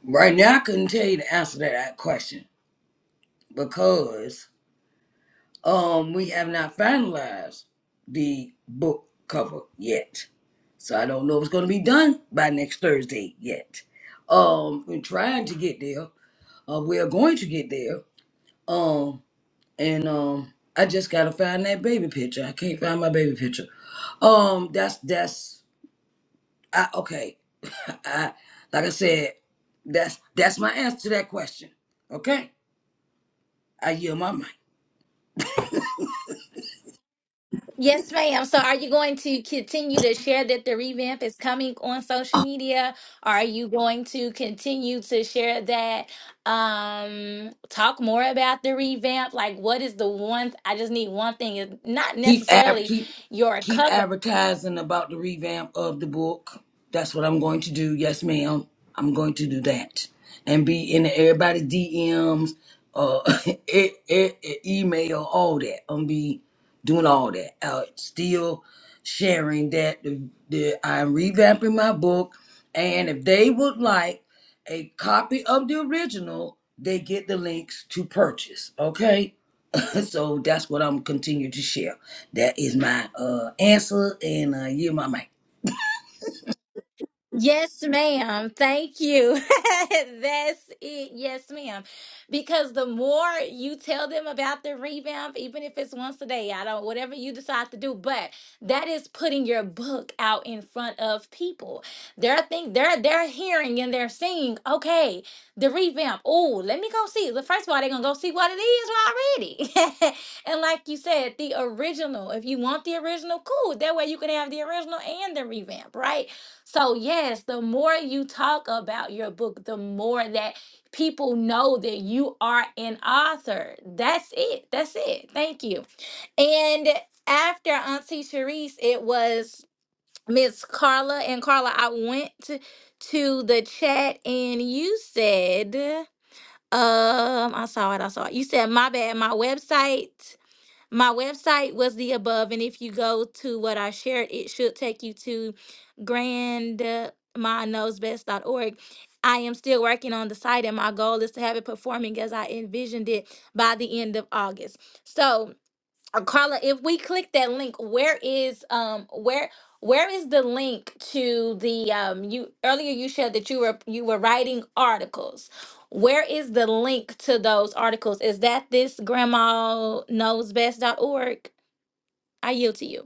[SPEAKER 3] right now I couldn't tell you the answer to that question because Um, we have not finalized the book cover yet. So I don't know if it's going to be done by next Thursday yet. Um, we're trying to get there. Uh, we are going to get there. Um, and um, I just gotta find that baby picture. I can't find my baby picture. Um, that's that's I okay. I like I said, that's that's my answer to that question. Okay, I yield my mic.
[SPEAKER 1] Yes, ma'am. So, are you going to continue to share that the revamp is coming on social media? Are you going to continue to share that? Um, talk more about the revamp. Like, what is the one? I just need one thing. It's not
[SPEAKER 3] Keep ad-
[SPEAKER 1] necessarily
[SPEAKER 3] keep
[SPEAKER 1] your
[SPEAKER 3] keep
[SPEAKER 1] cover.
[SPEAKER 3] advertising about the revamp of the book. That's what I'm going to do. Yes, ma'am. I'm going to do that and be in everybody's DMs, uh, e- e- e- email, all that. I'm be doing all that. Uh, still sharing that the, the, I'm revamping my book, and if they would like a copy of the original, they get the links to purchase. Okay so that's what I'm continue to share. That is my uh answer, and uh, you, my mic.
[SPEAKER 1] Yes, ma'am. Thank you. That's it. Yes, ma'am. Because the more you tell them about the revamp, even if it's once a day, I don't, whatever you decide to do, but that is putting your book out in front of people. They're think they're they're hearing and they're seeing, okay, the revamp. Oh, let me go see. The first of all, they're gonna go see what it is already. and like you said, the original. If you want the original, cool. That way you can have the original and the revamp, right? So, yes, the more you talk about your book, the more that people know that you are an author. That's it. That's it. Thank you. And after Auntie Sharice, it was Miss Carla. And Carla, I went to, to the chat and you said, um, I saw it. I saw it. You said, my bad, my website. My website was the above, and if you go to what I shared, it should take you to grandma knows best dot org. I am still working on the site, and my goal is to have it performing as I envisioned it by the end of August. So, uh, Carla, if we click that link, where is um where where is the link to the um you earlier you shared that you were you were writing articles. Where is the link to those articles? Is that this grandma knows best dot org? I yield to you.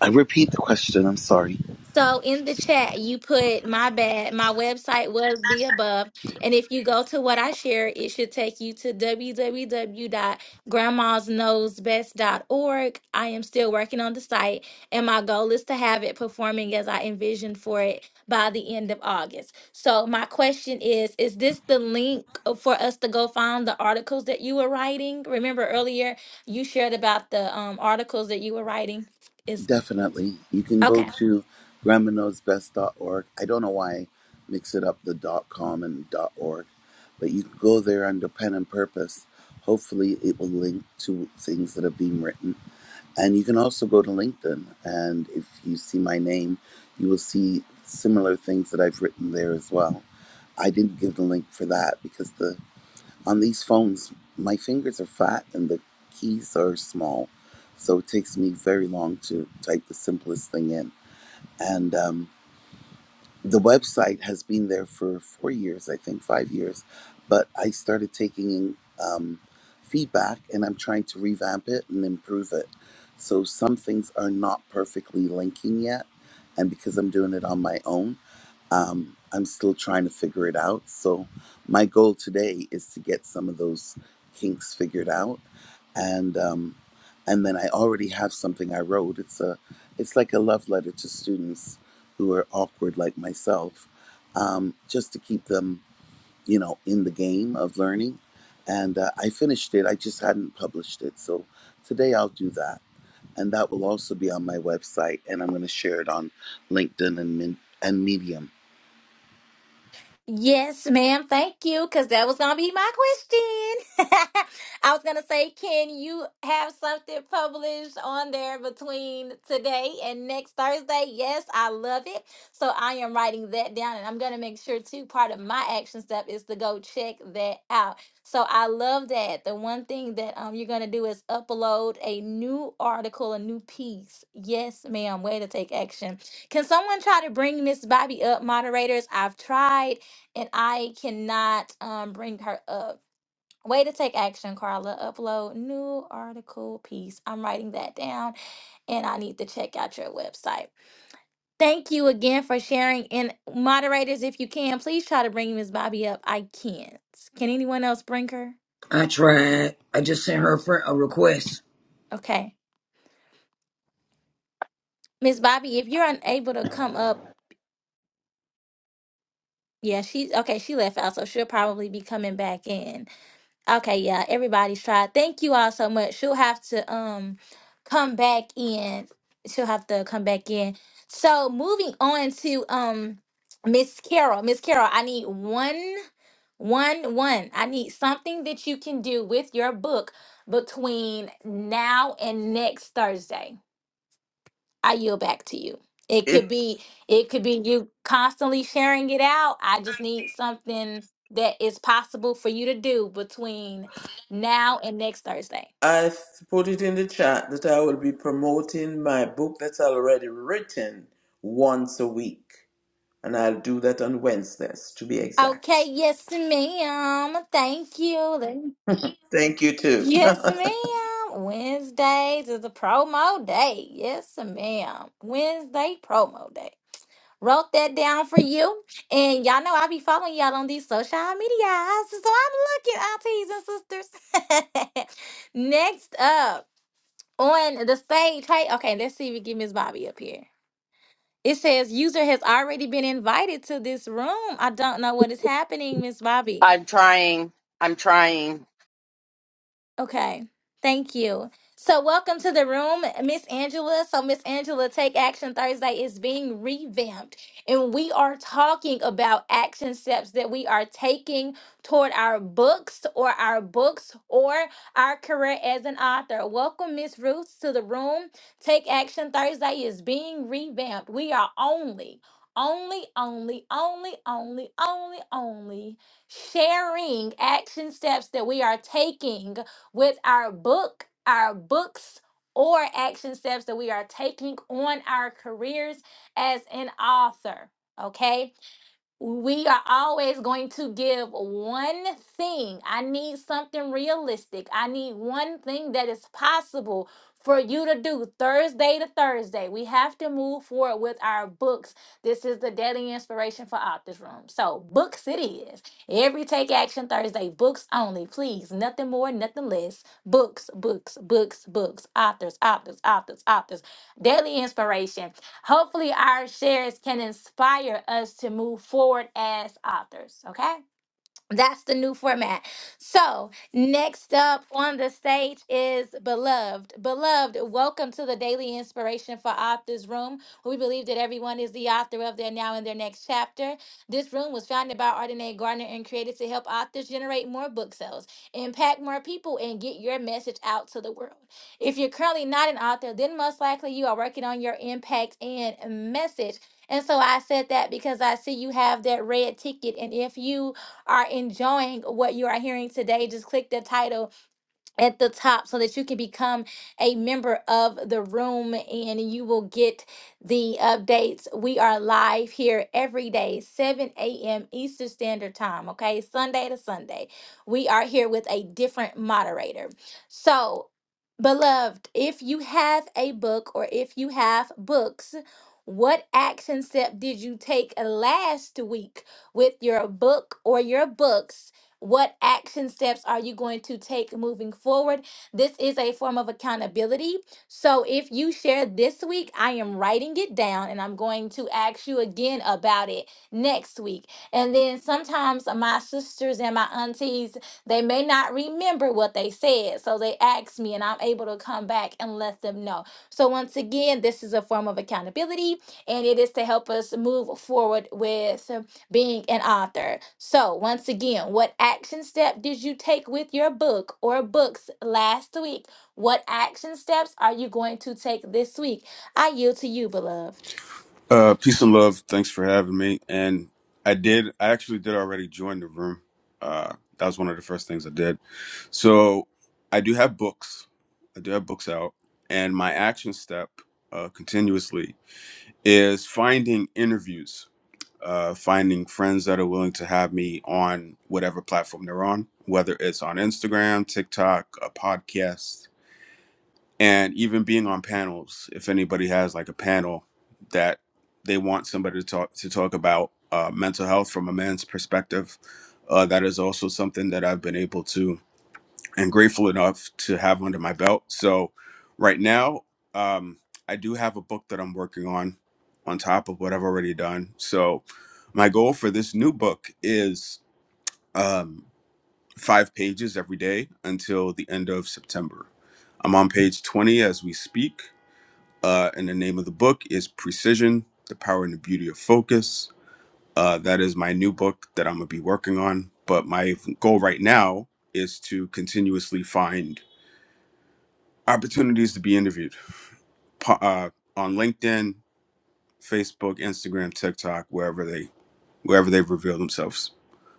[SPEAKER 4] I repeat the question, I'm sorry.
[SPEAKER 1] So in the chat, you put my bad. My website was the above. And if you go to what I share, it should take you to w w w dot grandmasknowsbest dot org. I am still working on the site, and my goal is to have it performing as I envisioned for it by the end of August. So my question is, is this the link for us to go find the articles that you were writing? Remember earlier you shared about the um, articles that you were writing. Is
[SPEAKER 4] Definitely. You can
[SPEAKER 1] okay.
[SPEAKER 4] go to grandma knows best dot org. I don't know why I mix it up the dot com and dot org, but you can go there under pen and purpose. Hopefully, it will link to things that are being written. And you can also go to LinkedIn. And if you see my name, you will see similar things that I've written there as well. I didn't give the link for that because the on these phones, my fingers are fat and the keys are small. So it takes me very long to type the simplest thing in. And um, the website has been there for four years, I think, five years. But I started taking in um, feedback and I'm trying to revamp it and improve it. So some things are not perfectly linking yet. And because I'm doing it on my own, um, I'm still trying to figure it out. So, my goal today is to get some of those kinks figured out, and um, and then I already have something I wrote. It's a, it's like a love letter to students who are awkward like myself, um, just to keep them, you know, in the game of learning. And uh, I finished it. I just hadn't published it. So today I'll do that, and that will also be on my website, and I'm going to share it on LinkedIn and Min- and Medium
[SPEAKER 1] Yes, ma'am. Thank you, because that was gonna be my question. I was gonna say, can you have something published on there between today and next Thursday? Yes, I love it. So I am writing that down, and I'm gonna make sure too. Part of my action step is to go check that out. So I love that. The one thing that um you're gonna do is upload a new article, a new piece. Yes, ma'am. Way to take action. Can someone try to bring Miss Bobby up, moderators? I've tried and I cannot um bring her up. Way to take action, Carla. Upload new article piece. I'm writing that down and I need to check out your website. Thank you again for sharing. And moderators, if you can, please try to bring Miss Bobby up. I can't. Can anyone else bring her?
[SPEAKER 3] I tried. I just sent her a, friend, a request.
[SPEAKER 1] Okay. Miss Bobby, if you're unable to come up, yeah, she's okay. She left out, so she'll probably be coming back in. Okay, yeah, everybody's tried. Thank you all so much. She'll have to um come back in. She'll have to come back in. So moving on to um Miss Carol. Miss Carol, I need one, one, one. I need something that you can do with your book between now and next Thursday. I yield back to you. It could
[SPEAKER 6] It's
[SPEAKER 1] be it could be you constantly sharing it out. I just need something that is possible for you to do between now and next Thursday.
[SPEAKER 6] I s- put it in the chat that I will be promoting my book that's already written once a week. And I'll do that on Wednesdays, to be
[SPEAKER 1] Okay,
[SPEAKER 6] exact.
[SPEAKER 1] yes, ma'am. Thank you.
[SPEAKER 6] Thank you, too.
[SPEAKER 1] Yes, ma'am. Wednesdays is a promo day. Yes, ma'am. Wednesday promo day. Wrote that down for you. And y'all know I be following y'all on these social medias. So I'm looking, aunties and sisters. Next up on the stage. Hey, okay, let's see if we get Miss Bobby up here. It says user has already been invited to this room. I don't know what is happening, Miss Bobby.
[SPEAKER 2] I'm trying. I'm trying.
[SPEAKER 1] Okay. Thank you. So welcome to the room, Miss Angela. So Miss Angela, Take Action Thursday is being revamped and we are talking about action steps that we are taking toward our books or our books or our career as an author. Welcome Miss Ruth to the room. Take Action Thursday is being revamped. We are only only, only, only, only, only, only sharing action steps that we are taking with our book, our books, or action steps that we are taking on our careers as an author. Okay we are always going to give one thing. I need something realistic. I need one thing that is possible for you to do Thursday to Thursday. We have to move forward with our books. This is the daily inspiration for Authors Room. So, books it is. Every Take Action Thursday, books only, please. Nothing more, nothing less. Books, books, books, books. Authors, authors, authors, authors. Daily inspiration. Hopefully, our shares can inspire us to move forward as authors, okay? That's the new format. So, next up on the stage is Beloved. Beloved, welcome to the Daily Inspiration for Authors Room. where We believe that everyone is the author of their now and their next chapter. This room was founded by Ardenae Gardner and created to help authors generate more book sales, impact more people, and get your message out to the world. If you're currently not an author, then most likely you are working on your impact and message. And so I said that because I see you have that red ticket. And if you are enjoying what you are hearing today, just click the title at the top so that you can become a member of the room and you will get the updates. We are live here every day, 7 a.m. Eastern Standard Time, okay? Sunday to Sunday. We are here with a different moderator. So, beloved, if you have a book or if you have books, what action step did you take last week with your book or your books? What action steps are you going to take moving forward? This is a form of accountability. So if you share this week, I am writing it down and I'm going to ask you again about it next week. And then sometimes my sisters and my aunties, they may not remember what they said. So they ask me and I'm able to come back and let them know. So once again, this is a form of accountability and it is to help us move forward with being an author. So, once again, what action step did you take with your book or books last week? What action steps are you going to take this week? I yield to you, beloved.
[SPEAKER 7] Uh, peace and love. Thanks for having me. And I did. I actually did already join the room. Uh, that was one of the first things I did. So I do have books. I do have books out, and my action step uh, continuously is finding interviews, uh, finding friends that are willing to have me on whatever platform they're on, whether it's on Instagram, TikTok, a podcast, and even being on panels if anybody has like a panel that they want somebody to talk to talk about uh, mental health from a man's perspective uh, that is also something that i've been able to and grateful enough to have under my belt so right now um, i do have a book that i'm working on on top of what i've already done so my goal for this new book is um, five pages every day until the end of september i'm on page 20 as we speak uh, and the name of the book is Precision The Power and the Beauty of Focus. Uh, that is my new book that I'm going to be working on. But my goal right now is to continuously find opportunities to be interviewed po- uh, on LinkedIn, Facebook, Instagram, TikTok, wherever they wherever they've revealed themselves.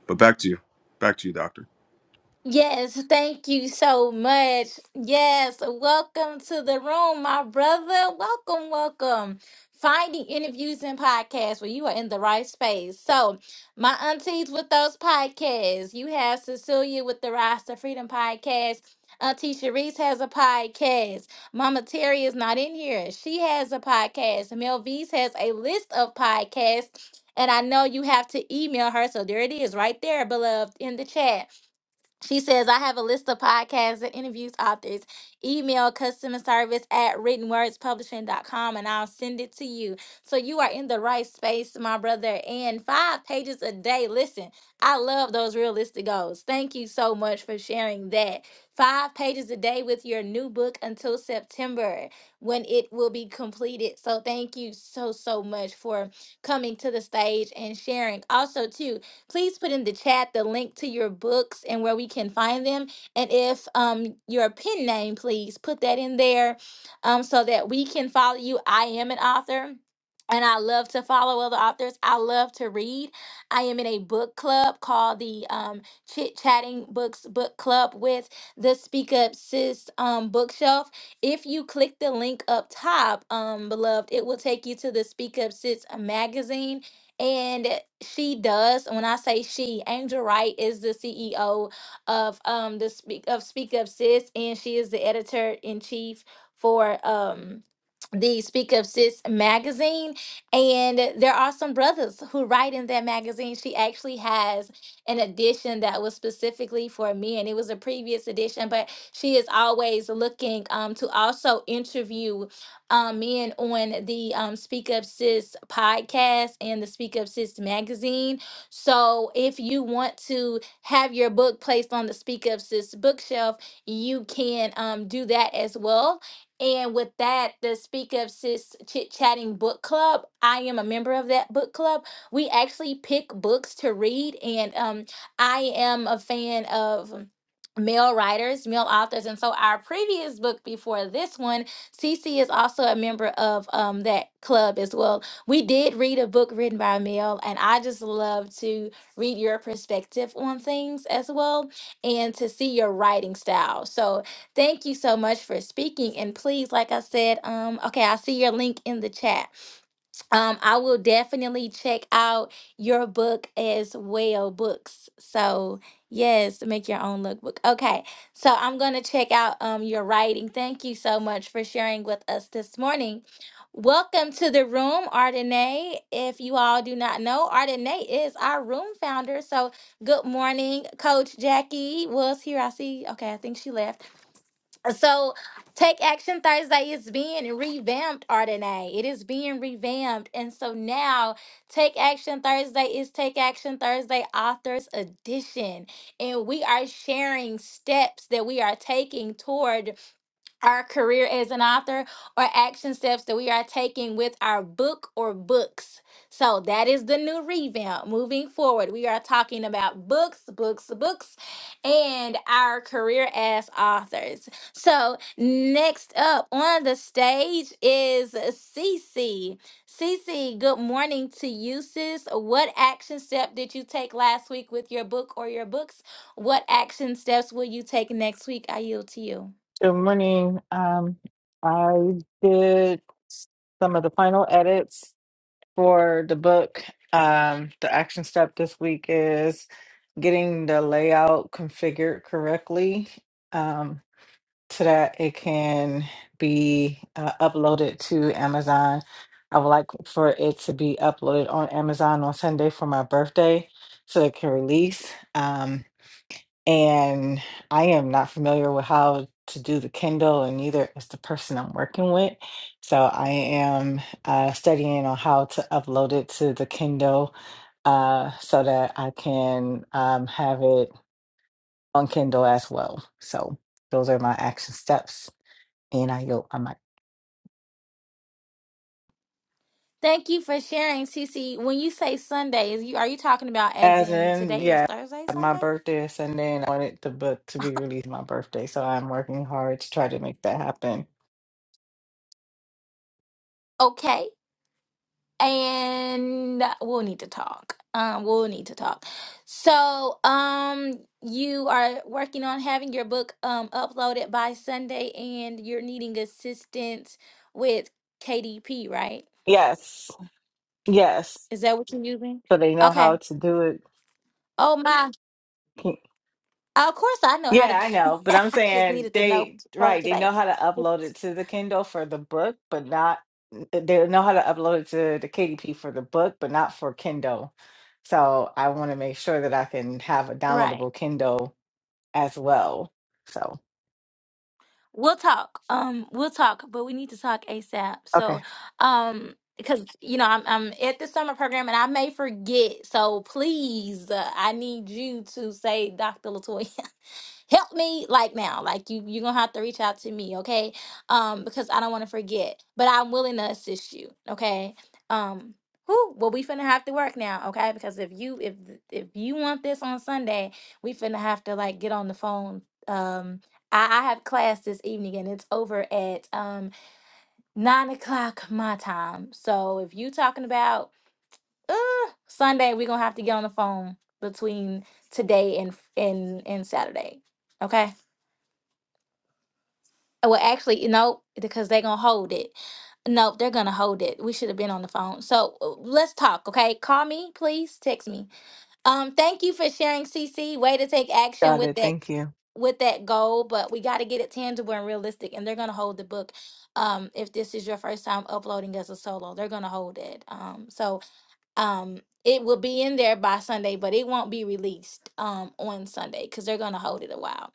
[SPEAKER 7] But back to you. Back to you, Doctor.
[SPEAKER 1] Yes, thank you so much. Yes, welcome to the room, my brother. Welcome, welcome. Finding interviews and podcasts where you are in the right space. So, my aunties with those podcasts, you have Cecilia with the Rise to Freedom podcast. Auntie Sharice has a podcast. Mama Terry is not in here. She has a podcast. Mel V's has a list of podcasts. And I know you have to email her. So there it is right there, beloved, in the chat. She says, I have a list of podcasts and interviews, authors. Email customer service at written words publishing dot com, and I'll send it to you. So you are in the right space, my brother. And five pages a day. Listen, I love those realistic goals. Thank you so much for sharing that. Five pages a day with your new book until September when it will be completed. So thank you so, so much for coming to the stage and sharing. Also, too, please put in the chat the link to your books and where we can find them. And if um your pen name, please put that in there um so that we can follow you. I am an author. And I love to follow other authors. I love to read. I am in a book club called the um, Chit Chatting Books Book Club with the Speak Up Sis um, bookshelf. If you click the link up top, um, beloved, it will take you to the Speak Up Sis magazine and she does, when I say she, Angel Wright is the CEO of um the speak of Speak Up Sis, and she is the editor in chief for um the Speak Up Sis magazine. And there are some brothers who write in that magazine. She actually has an edition that was specifically for men. It was a previous edition, but she is always looking um, to also interview um, men on the um, Speak Up Sis podcast and the Speak Up Sis magazine. So if you want to have your book placed on the Speak Up Sis bookshelf, you can um, do that as well. And with that, the Speak Up Sis Chit Chatting Book Club, I am a member of that book club. We actually pick books to read, and um, I am a fan of male writers, male authors. And so our previous book before this one Cece is also a member of um, that club as well. We did read a book written by Mel, and I just love to read your perspective on things as well and to see your writing style. So thank you so much for speaking. And please, like I said, um, okay, I see your link in the chat. Um, I will definitely check out your book as well, books. So yes, make your own lookbook. Okay, so I'm gonna check out um your writing. Thank you so much for sharing with us this morning. Welcome to the room, Ardenae. If you all do not know, Ardenae is our room founder. So good morning, Coach Jackie was here. I see. Okay, I think she left. So, Take Action Thursday is being revamped, Ardenay. It is being revamped. And so now, Take Action Thursday is Take Action Thursday Authors Edition. And we are sharing steps that we are taking toward our career as an author or action steps that we are taking with our book or books. So that is the new revamp. Moving forward, we are talking about books, books, books, and our career as authors. So next up on the stage is Cece. Cece, good morning to you, sis. What action step did you take last week with your book or your books? What action steps will you take next week? I yield to you.
[SPEAKER 8] Good morning. Um, I did some of the final edits for the book. Um, the action step this week is getting the layout configured correctly um, so that it can be uh, uploaded to Amazon. I would like for it to be uploaded on Amazon on Sunday for my birthday so it can release. Um, and I am not familiar with how to do the Kindle, and neither is the person I'm working with. So I am uh, studying on how to upload it to the Kindle uh, so that I can um, have it on Kindle as well. So those are my action steps, and I yield my mic.
[SPEAKER 1] Thank you for sharing, Cece. When you say Sundays, you are you talking about as
[SPEAKER 8] As
[SPEAKER 1] in
[SPEAKER 8] in,
[SPEAKER 1] today is
[SPEAKER 8] yeah,
[SPEAKER 1] Thursday,
[SPEAKER 8] my
[SPEAKER 1] Sunday?
[SPEAKER 8] birthday is Sunday, and I wanted the book to be released my birthday, so I'm working hard to try to make that happen.
[SPEAKER 1] Okay. And we'll need to talk. Um, we'll need to talk. So, um, you are working on having your book um uploaded by Sunday and you're needing assistance with KDP, right?
[SPEAKER 8] Yes, yes.
[SPEAKER 1] Is that what you're using?
[SPEAKER 8] So they know
[SPEAKER 1] Okay.
[SPEAKER 8] how to do it.
[SPEAKER 1] Oh my. Of course I know how to
[SPEAKER 8] Yeah, I know, but
[SPEAKER 1] I
[SPEAKER 8] I'm
[SPEAKER 1] just
[SPEAKER 8] saying
[SPEAKER 1] needed to know
[SPEAKER 8] they
[SPEAKER 1] for
[SPEAKER 8] right, they
[SPEAKER 1] today.
[SPEAKER 8] know how to upload it to the Kindle for the book, but not eh, they know how to upload it to the KDP for the book, but not for Kindle. So I want to make sure that I can have a
[SPEAKER 1] Right.
[SPEAKER 8] downloadable Kindle as well. So,
[SPEAKER 1] We'll talk. Um, we'll talk, but we need to talk ASAP. So,
[SPEAKER 8] okay,
[SPEAKER 1] um, because you know I'm I'm at the summer program and I may forget. So please, uh, I need you to say, Dr. Latoya, help me like now. Like you, you're gonna have to reach out to me, okay? Um, because I don't want to forget, but I'm willing to assist you, okay? Um. Whew, well, we finna have to work now, okay? Because if you if if you want this on Sunday, we finna have to like get on the phone, um, I, I have class this evening and it's over at um nine o'clock my time. So if you talking about uh, Sunday, we're gonna have to get on the phone between today and and and Saturday. Okay. Uh, Well, actually, no, because they're gonna hold it. No, they're gonna hold it. We should have been on the phone. So uh, let's talk, okay? Call me, please. Text me. Um, thank you for sharing, CC. Way to take action
[SPEAKER 8] got
[SPEAKER 1] with
[SPEAKER 8] it.
[SPEAKER 1] that
[SPEAKER 8] Thank you.
[SPEAKER 1] with that goal, but we got to get it tangible and realistic. And they're gonna hold the book. Um, if this is your first time uploading as a solo, they're gonna hold it. Um, so um it will be in there by sunday but it won't be released um on sunday because they're going to hold it a while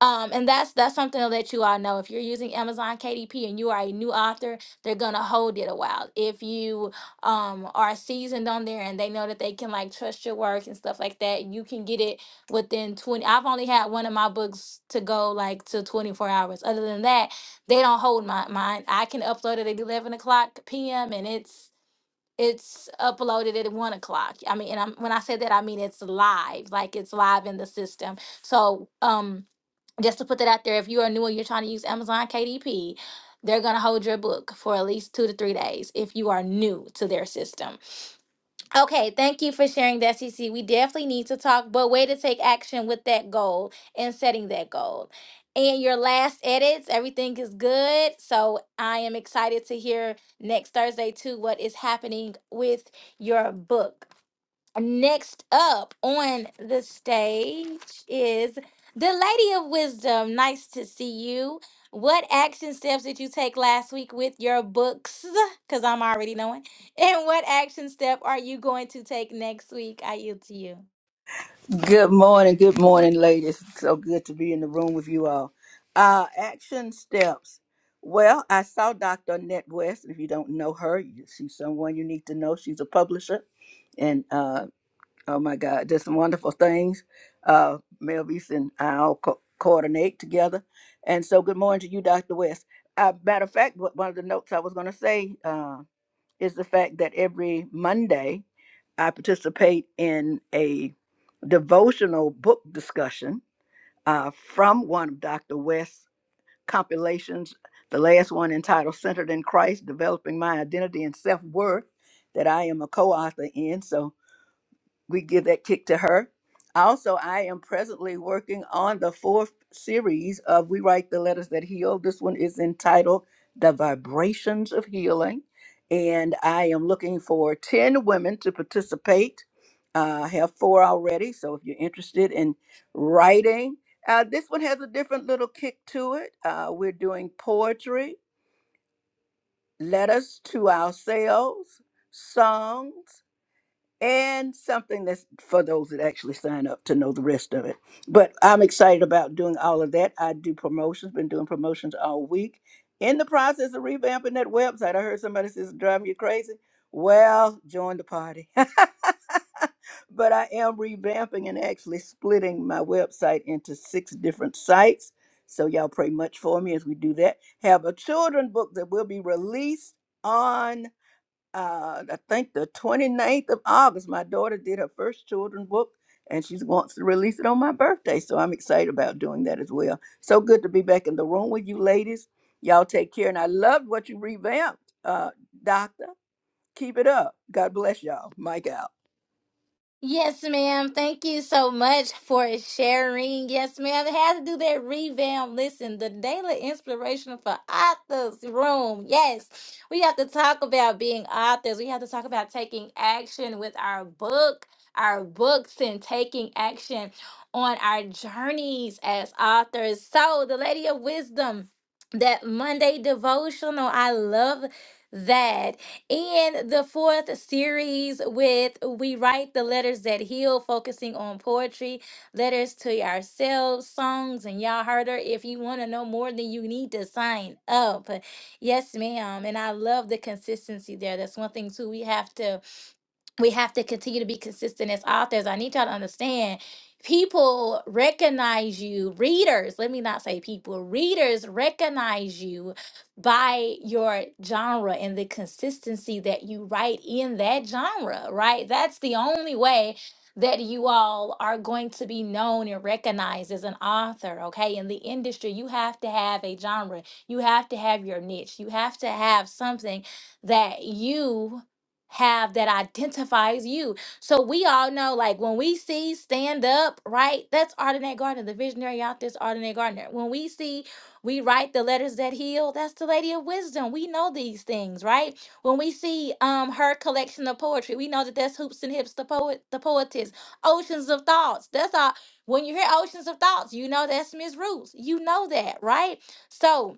[SPEAKER 1] um and that's that's something to let you all know if you're using amazon kdp and you are a new author they're going to hold it a while if you um are seasoned on there and they know that they can like trust your work and stuff like that you can get it within 20 i've only had one of my books to go like to 24 hours other than that they don't hold my mine i can upload it at 11 o'clock pm and it's it's uploaded at one o'clock. I mean, and I'm, when I say that, I mean it's live, like it's live in the system. So, um, just to put that out there, if you are new and you're trying to use Amazon KDP, they're gonna hold your book for at least two to three days if you are new to their system. Okay, thank you for sharing that, CC. We definitely need to talk, but way to take action with that goal and setting that goal. And your last edits, everything is good. So I am excited to hear next Thursday too what is happening with your book. Next up on the stage is the Lady of Wisdom. Nice to see you. What action steps did you take last week with your books? Because I'm already knowing. And what action step are you going to take next week? I yield to you.
[SPEAKER 9] Good morning, good morning, ladies. So good to be in the room with you all. Uh, action steps. Well, I saw Dr. Annette West. If you don't know her, you- she's someone you need to know. She's a publisher, and uh, oh my God, just some wonderful things. Uh, Melvis and I all co- coordinate together, and so good morning to you, Dr. West. Uh, matter of fact, one one of the notes I was going to say. uh, is the fact that every Monday I participate in a devotional book discussion uh, from one of Dr. West's compilations, the last one entitled Centered in Christ Developing My Identity and Self Worth, that I am a co author in. So we give that kick to her. Also, I am presently working on the fourth series of We Write the Letters That Heal. This one is entitled The Vibrations of Healing. And I am looking for 10 women to participate. Uh, I have four already. So if you're interested in writing, uh, this one has a different little kick to it. Uh, we're doing poetry, letters to ourselves, songs and something that's for those that actually sign up to know the rest of it. But I'm excited about doing all of that. I do promotions, been doing promotions all week. In the process of revamping that website, I heard somebody says it's driving you crazy. Well, join the party. but I am revamping and actually splitting my website into six different sites. So y'all pray much for me as we do that. Have a children book that will be released on uh, I think the 29th of August, my daughter did her first children book and she wants to release it on my birthday. So I'm excited about doing that as well. So good to be back in the room with you ladies. Y'all take care. And I loved what you revamped, uh, Doctor. Keep it up. God bless y'all. Mike out.
[SPEAKER 1] Yes, ma'am. Thank you so much for sharing. Yes, ma'am. It has to do that revamp. Listen, the daily inspiration for authors room. Yes, we have to talk about being authors. We have to talk about taking action with our book, our books, and taking action on our journeys as authors. So, the Lady of Wisdom, that Monday devotional, I love that. And the fourth series with We Write the Letters That Heal, focusing on poetry, letters to ourselves, songs, and y'all heard her. If you want to know more, then you need to sign up. Yes, ma'am. And I love the consistency there. That's one thing, too, we have to we have to continue to be consistent as authors. I need y'all to understand people recognize you, readers, let me not say people, readers recognize you by your genre and the consistency that you write in that genre, right? That's the only way that you all are going to be known and recognized as an author, okay? In the industry, you have to have a genre, you have to have your niche, you have to have something that you have that identifies you. So we all know, like when we see stand up, right? That's Ardenae Gardner, the visionary out there's Ardenae Gardner. When we see we write the letters that heal, that's the lady of wisdom. We know these things, right? When we see um her collection of poetry, we know that that's hoops and hips, the poet, the poetess, oceans of thoughts. That's all. When you hear oceans of thoughts, you know that's Miss Roots. You know that, right? So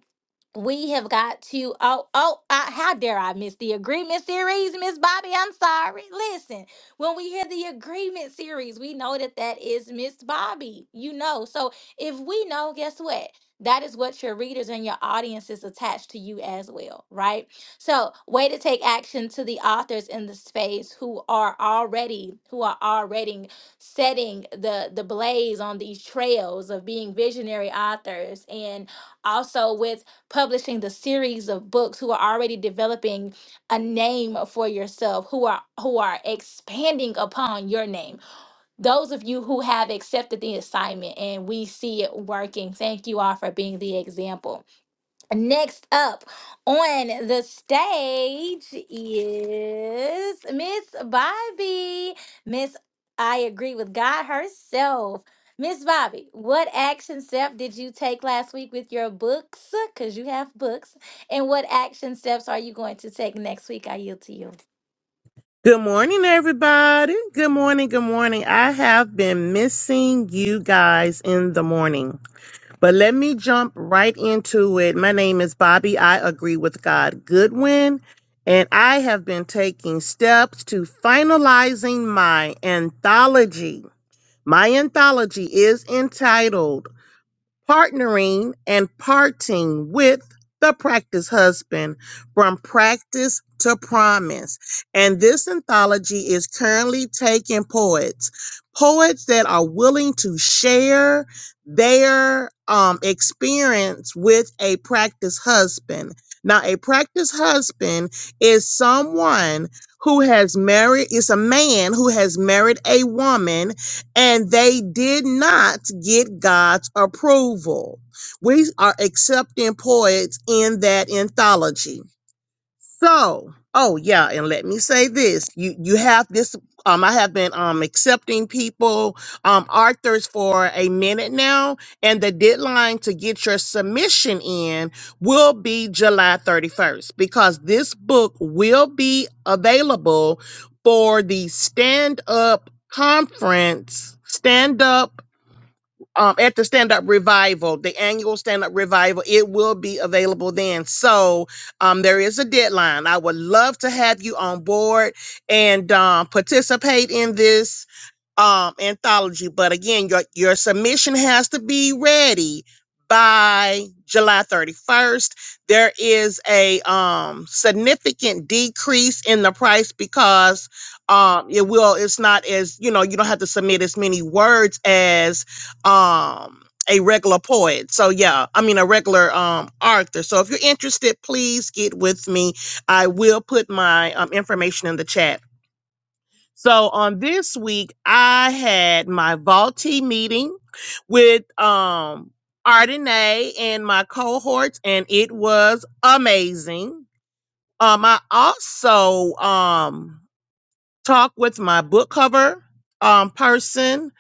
[SPEAKER 1] we have got to oh oh I, how dare i miss the agreement series miss bobby i'm sorry listen when we hear the agreement series we know that that is miss bobby you know so if we know guess what that is what your readers and your audience is attached to you as well right so way to take action to the authors in the space who are already who are already setting the the blaze on these trails of being visionary authors and also with publishing the series of books who are already developing a name for yourself who are who are expanding upon your name those of you who have accepted the assignment and we see it working thank you all for being the example Next up on the stage is Miss Bobby. Miss, I agree with God herself. Miss Bobby, what action step did you take last week with your books? Because you have books. And what action steps are you going to take next week? I yield to you.
[SPEAKER 10] Good morning, everybody. Good morning. Good morning. I have been missing you guys in the morning, but let me jump right into it. My name is Bobby. I agree with God Goodwin, and I have been taking steps to finalizing my anthology. My anthology is entitled partnering and parting with the practice husband from practice to promise. And this anthology is currently taking poets, poets that are willing to share their um, experience with a practice husband. Now, a practice husband is someone who has married, is a man who has married a woman and they did not get God's approval. We are accepting poets in that anthology. So, oh yeah, and let me say this: you you have this. Um, I have been um accepting people um authors for a minute now, and the deadline to get your submission in will be July thirty first because this book will be available for the stand up conference. Stand up um, at the stand up revival, the annual stand up revival, it will be available then. So um, there is a deadline. I would love to have you on board and um, participate in this um anthology but again your your submission has to be ready by July 31st there is a um significant decrease in the price because um it will it's not as you know you don't have to submit as many words as um a regular poet so yeah i mean a regular um author so if you're interested please get with me i will put my um, information in the chat so on this week, I had my Vaulty meeting with um Ardenae and my cohorts, and it was amazing. Um, I also um talked with my book cover um person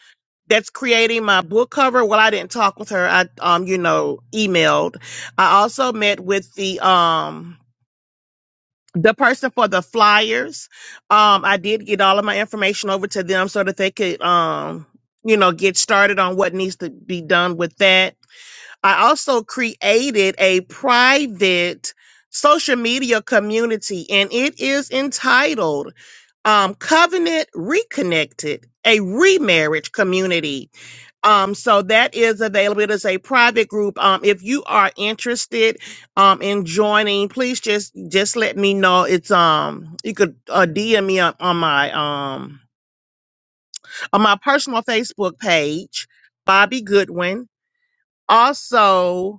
[SPEAKER 10] that's creating my book cover. Well, I didn't talk with her. I um, you know, emailed. I also met with the um the person for the flyers um i did get all of my information over to them so that they could um you know get started on what needs to be done with that i also created a private social media community and it is entitled um covenant reconnected a remarriage community um, so that is available. It is a private group. Um, if you are interested um in joining, please just just let me know. It's um you could uh, DM me up on my um on my personal Facebook page, Bobby Goodwin. Also,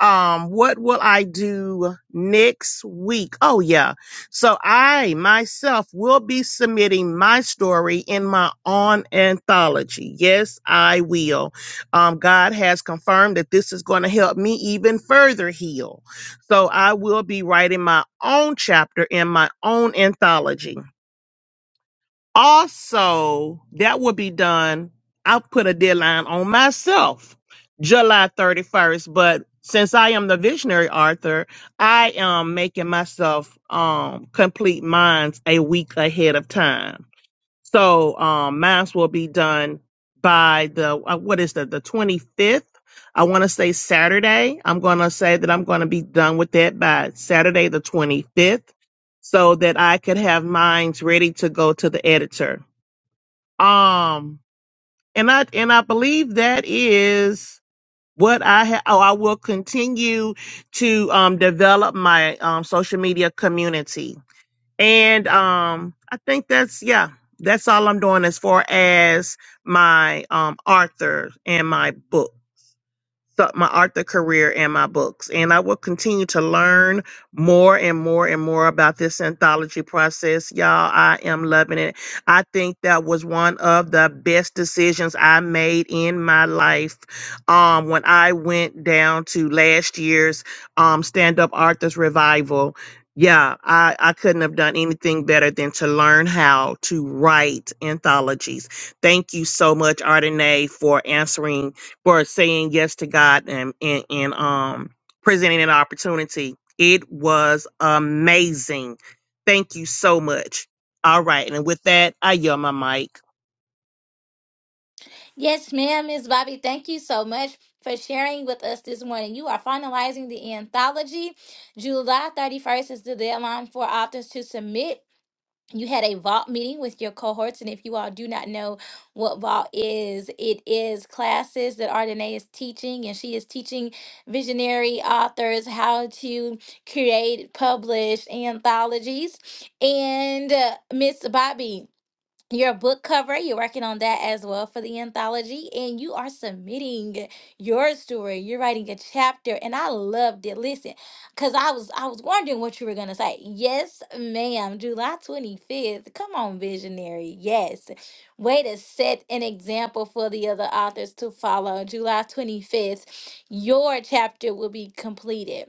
[SPEAKER 10] um what will i do next week oh yeah so i myself will be submitting my story in my own anthology yes i will um god has confirmed that this is going to help me even further heal so i will be writing my own chapter in my own anthology also, that will be done. I put a deadline on myself, July 31st. But since I am the visionary author, I am making myself um, complete mines a week ahead of time. So um, mass will be done by the uh, what is that? The twenty fifth. I want to say Saturday. I'm going to say that I'm going to be done with that by Saturday the twenty fifth, so that I could have mines ready to go to the editor. Um, and I and I believe that is what I have. Oh, I will continue to um develop my um social media community and um, I think that's yeah, that's all I'm doing as far as my um Arthur and my book so my author career and my books. And I will continue to learn more and more and more about this anthology process. Y'all, I am loving it. I think that was one of the best decisions I made in my life. Um, when I went down to last year's um stand up arthur's revival. Yeah, I, I couldn't have done anything better than to learn how to write anthologies. Thank you so much, Ardenae, for answering for saying yes to God and and, and um presenting an opportunity. It was amazing. Thank you so much. All right, and with that, I yell my mic.
[SPEAKER 1] Yes, ma'am, Miss Bobby. Thank you so much for sharing with us this morning. You are finalizing the anthology. July 31st is the deadline for authors to submit. you had a vault meeting with your cohorts and if you all do not know what vault is it is classes that Ardenae is teaching and she is teaching visionary authors how to create publish anthologies and uh, miss bobby your book cover. You're working on that as well for the anthology, and you are submitting your story. You're writing a chapter, and I loved it. Listen, because I was I was wondering what you were gonna say. Yes, ma'am. July 25th. Come on, visionary. Yes. Way to set an example for the other authors to follow. July 25th, your chapter will be completed.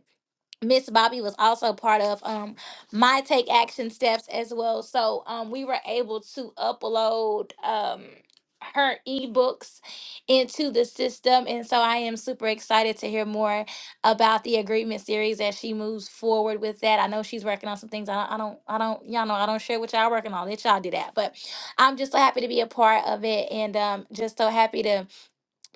[SPEAKER 1] Miss Bobby was also part of um my take action steps as well. So um we were able to upload um her ebooks into the system and so I am super excited to hear more about the agreement series as she moves forward with that. I know she's working on some things. I don't I don't I don't y'all know I don't share what y'all working on. Let y'all do that. But I'm just so happy to be a part of it and um just so happy to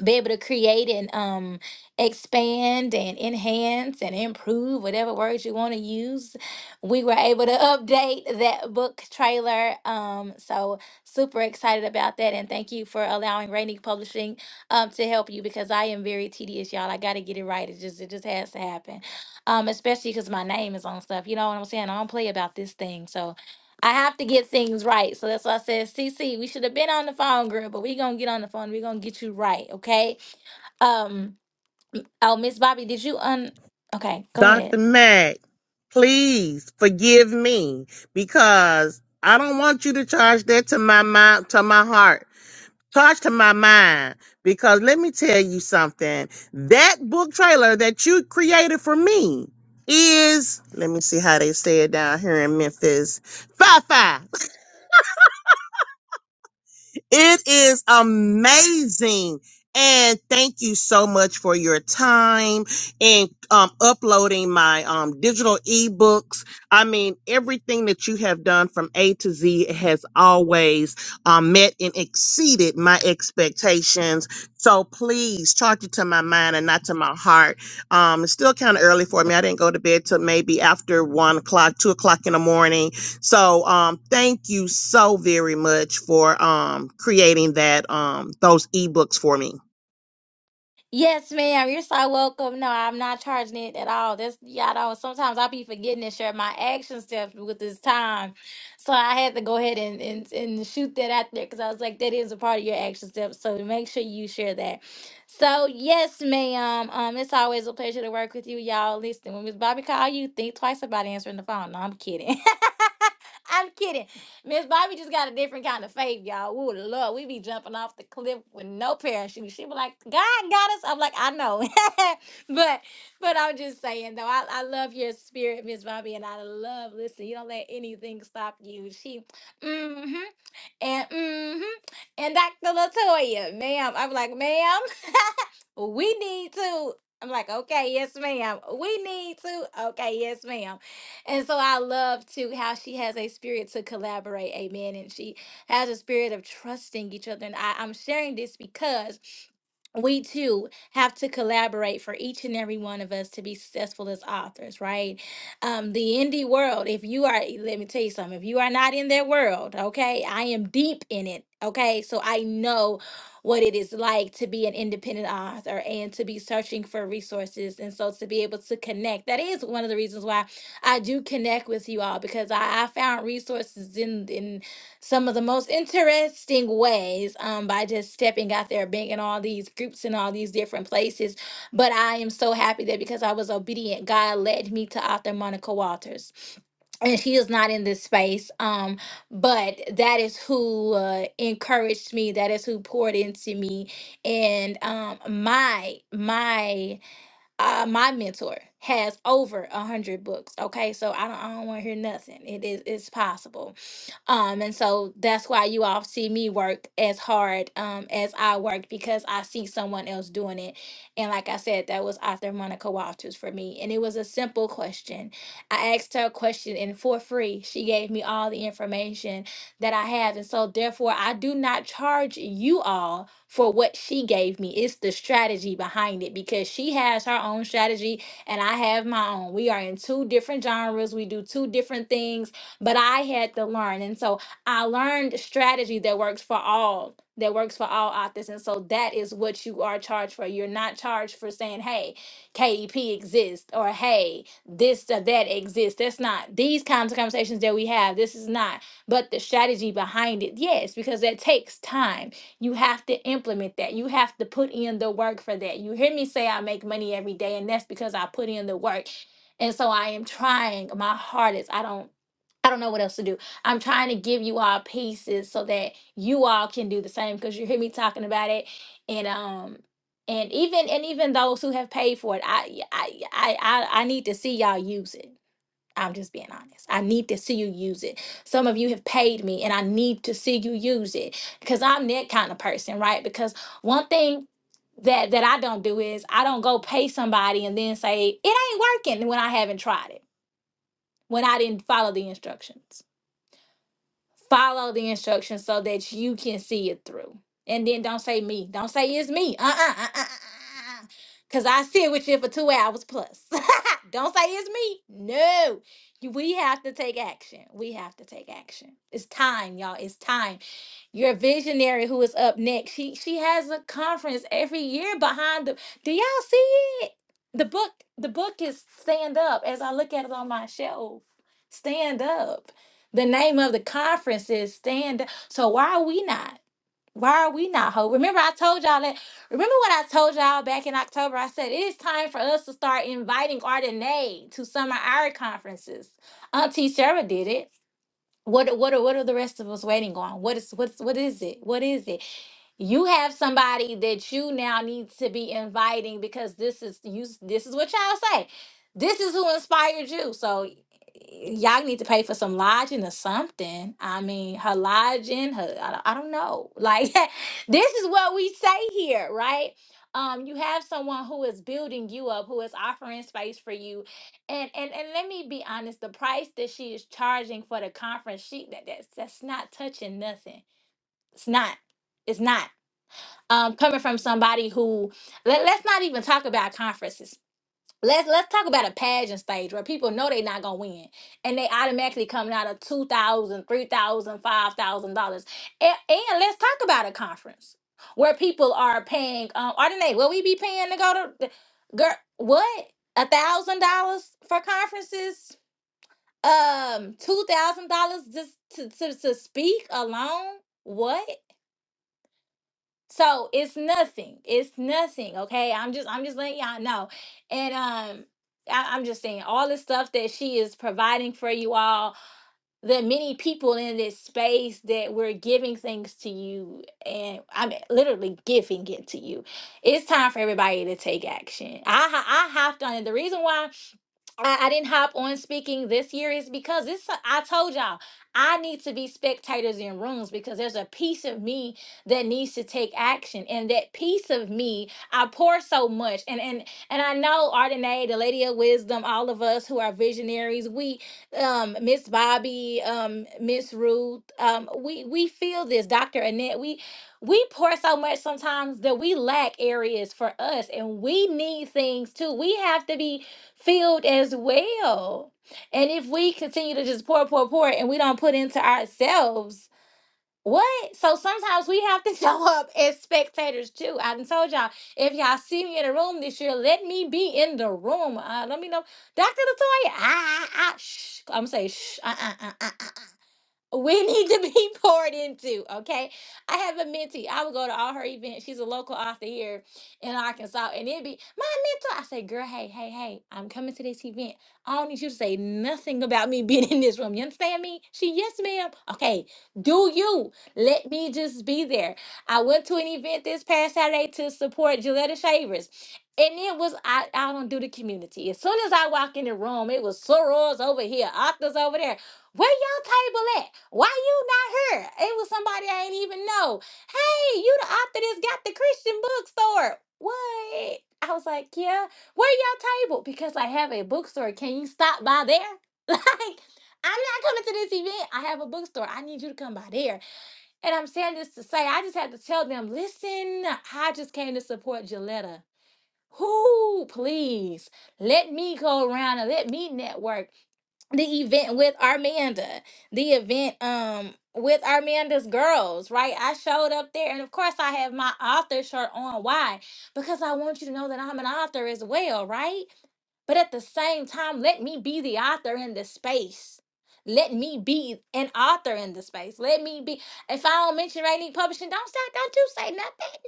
[SPEAKER 1] be able to create and um expand and enhance and improve whatever words you want to use we were able to update that book trailer um so super excited about that and thank you for allowing rainy publishing um to help you because i am very tedious y'all i gotta get it right it just it just has to happen um especially because my name is on stuff you know what i'm saying i don't play about this thing so I have to get things right. So that's why I said, CC, we should have been on the phone, girl, but we gonna get on the phone. we gonna get you right, okay? Um oh Miss Bobby, did you un okay, go
[SPEAKER 10] Dr.
[SPEAKER 1] ahead.
[SPEAKER 10] Mac, please forgive me because I don't want you to charge that to my mind to my heart. Charge to my mind because let me tell you something. That book trailer that you created for me is, let me see how they say it down here in Memphis, Fi Fi. It is amazing. And thank you so much for your time and um, uploading my um, digital ebooks. I mean, everything that you have done from A to Z has always um, met and exceeded my expectations. So please charge it to my mind and not to my heart. Um, it's still kind of early for me. I didn't go to bed till maybe after one o'clock, two o'clock in the morning so um, thank you so very much for um, creating that um, those ebooks for me.
[SPEAKER 1] Yes, ma'am. You're so welcome. No, I'm not charging it at all. That's y'all know. Sometimes I'll be forgetting to share my action steps with this time, so I had to go ahead and and, and shoot that out there because I was like, that is a part of your action steps. So make sure you share that. So yes, ma'am. Um, it's always a pleasure to work with you, y'all. Listen, when Miss Bobby call you, think twice about answering the phone. No, I'm kidding. I'm kidding. Miss Bobby just got a different kind of faith, y'all. Ooh, Lord, we be jumping off the cliff with no parachute. She be like, God got us. I'm like, I know. but but I'm just saying though, I, I love your spirit, Miss Bobby, and I love listen, you don't let anything stop you. She mm-hmm and mm-hmm and Dr. Latoya, ma'am. I'm like, ma'am, we need to. I'm like, okay, yes, ma'am. We need to. Okay, yes, ma'am. And so I love too how she has a spirit to collaborate. Amen. And she has a spirit of trusting each other. And I, I'm sharing this because we too have to collaborate for each and every one of us to be successful as authors, right? Um, the indie world, if you are, let me tell you something, if you are not in that world, okay, I am deep in it, okay? So I know what it is like to be an independent author and to be searching for resources. And so to be able to connect, that is one of the reasons why I do connect with you all because I, I found resources in in some of the most interesting ways um, by just stepping out there, being in all these groups and all these different places. But I am so happy that because I was obedient, God led me to author Monica Walters and she is not in this space um but that is who uh, encouraged me that is who poured into me and um my my uh my mentor has over a hundred books okay so i don't, I don't want to hear nothing it is it's possible um, and so that's why you all see me work as hard um, as I work because I see someone else doing it. And like I said, that was author Monica Walters for me. And it was a simple question. I asked her a question, and for free, she gave me all the information that I have. And so, therefore, I do not charge you all for what she gave me. It's the strategy behind it because she has her own strategy and I have my own. We are in two different genres, we do two different things but I had to learn. And so I learned strategy that works for all, that works for all authors. And so that is what you are charged for. You're not charged for saying, hey, KEP exists or hey, this or that exists. That's not these kinds of conversations that we have. This is not, but the strategy behind it, yes, because that takes time. You have to implement that. You have to put in the work for that. You hear me say I make money every day, and that's because I put in the work. And so I am trying my hardest. I don't I don't know what else to do. I'm trying to give you all pieces so that you all can do the same because you hear me talking about it, and um, and even and even those who have paid for it, I yeah, I yeah, I I, I need to see y'all use it. I'm just being honest. I need to see you use it. Some of you have paid me, and I need to see you use it because I'm that kind of person, right? Because one thing that that I don't do is I don't go pay somebody and then say it ain't working when I haven't tried it, when I didn't follow the instructions follow the instructions so that you can see it through. And then don't say me. Don't say it's me. Uh uh uh uh. uh. uh, uh. Cause I sit with you for two hours plus. don't say it's me. No, You- we have to take action. We have to take action. It's time, y'all. It's time. Your visionary who is up next. She she has a conference every year behind the do y'all see it? The book the book is stand up as I look at it on my shelf. Stand up. The name of the conference is stand up. So why are we not? Why are we not hope? Remember I told y'all that remember what I told y'all back in October? I said it is time for us to start inviting Ardenae to some of our conferences. Auntie Sarah did it. What what are what are the rest of us waiting on? What is what's what is it? What is it? you have somebody that you now need to be inviting because this is you this is what y'all say this is who inspired you so y'all need to pay for some lodging or something i mean her lodging her i don't, I don't know like this is what we say here right um you have someone who is building you up who is offering space for you and and and let me be honest the price that she is charging for the conference she that, that's that's not touching nothing it's not it's not um, coming from somebody who let, let's not even talk about conferences. Let's let's talk about a pageant stage where people know they're not gonna win and they automatically coming out of two thousand, three thousand, five thousand dollars. And, and let's talk about a conference where people are paying um Ardenae, will we be paying to go to girl what? A thousand dollars for conferences? Um two thousand dollars just to, to to speak alone? What? So it's nothing. It's nothing. Okay. I'm just I'm just letting y'all know. And um I, I'm just saying all the stuff that she is providing for you all, the many people in this space that we're giving things to you, and I'm literally giving it to you. It's time for everybody to take action. I ha- I hopped on it. The reason why I, I didn't hop on speaking this year is because it's I told y'all I need to be spectators in rooms because there's a piece of me that needs to take action and that piece of me I pour so much and and and I know Ardenae, the lady of wisdom all of us who are visionaries we um Miss Bobby um Miss Ruth um we we feel this Dr. Annette we we pour so much sometimes that we lack areas for us and we need things too we have to be field as well. And if we continue to just pour, pour, pour, and we don't put into ourselves, what? So sometimes we have to show up as spectators too. I done told y'all, if y'all see me in a room this year, let me be in the room. Uh, let me know, Dr. Latoya. Ah, ah, ah, shh. I'm gonna say shh. Uh, uh, uh, uh, uh we need to be poured into, okay? I have a mentee. I would go to all her events. She's a local author here in Arkansas. And it'd be my mentor. I say, girl, hey, hey, hey, I'm coming to this event. I don't need you to say nothing about me being in this room. You understand me? She, yes, ma'am. Okay, do you. Let me just be there. I went to an event this past Saturday to support Gilletta Shavers. And it was I, I don't do the community. As soon as I walk in the room, it was sorors over here, octas over there. Where y'all table at? Why you not here? It was somebody I ain't even know. Hey, you the author that's got the Christian bookstore. What? I was like, yeah. Where y'all table? Because I have a bookstore. Can you stop by there? Like, I'm not coming to this event. I have a bookstore. I need you to come by there. And I'm saying this to say, I just had to tell them, listen, I just came to support Gilletta. Who, please, let me go around and let me network the event with Armanda, the event um with Armanda's girls, right? I showed up there and of course I have my author shirt on. Why? Because I want you to know that I'm an author as well, right? But at the same time, let me be the author in this space. Let me be an author in the space. Let me be. If I don't mention Rainy Publishing, don't say, don't you say nothing.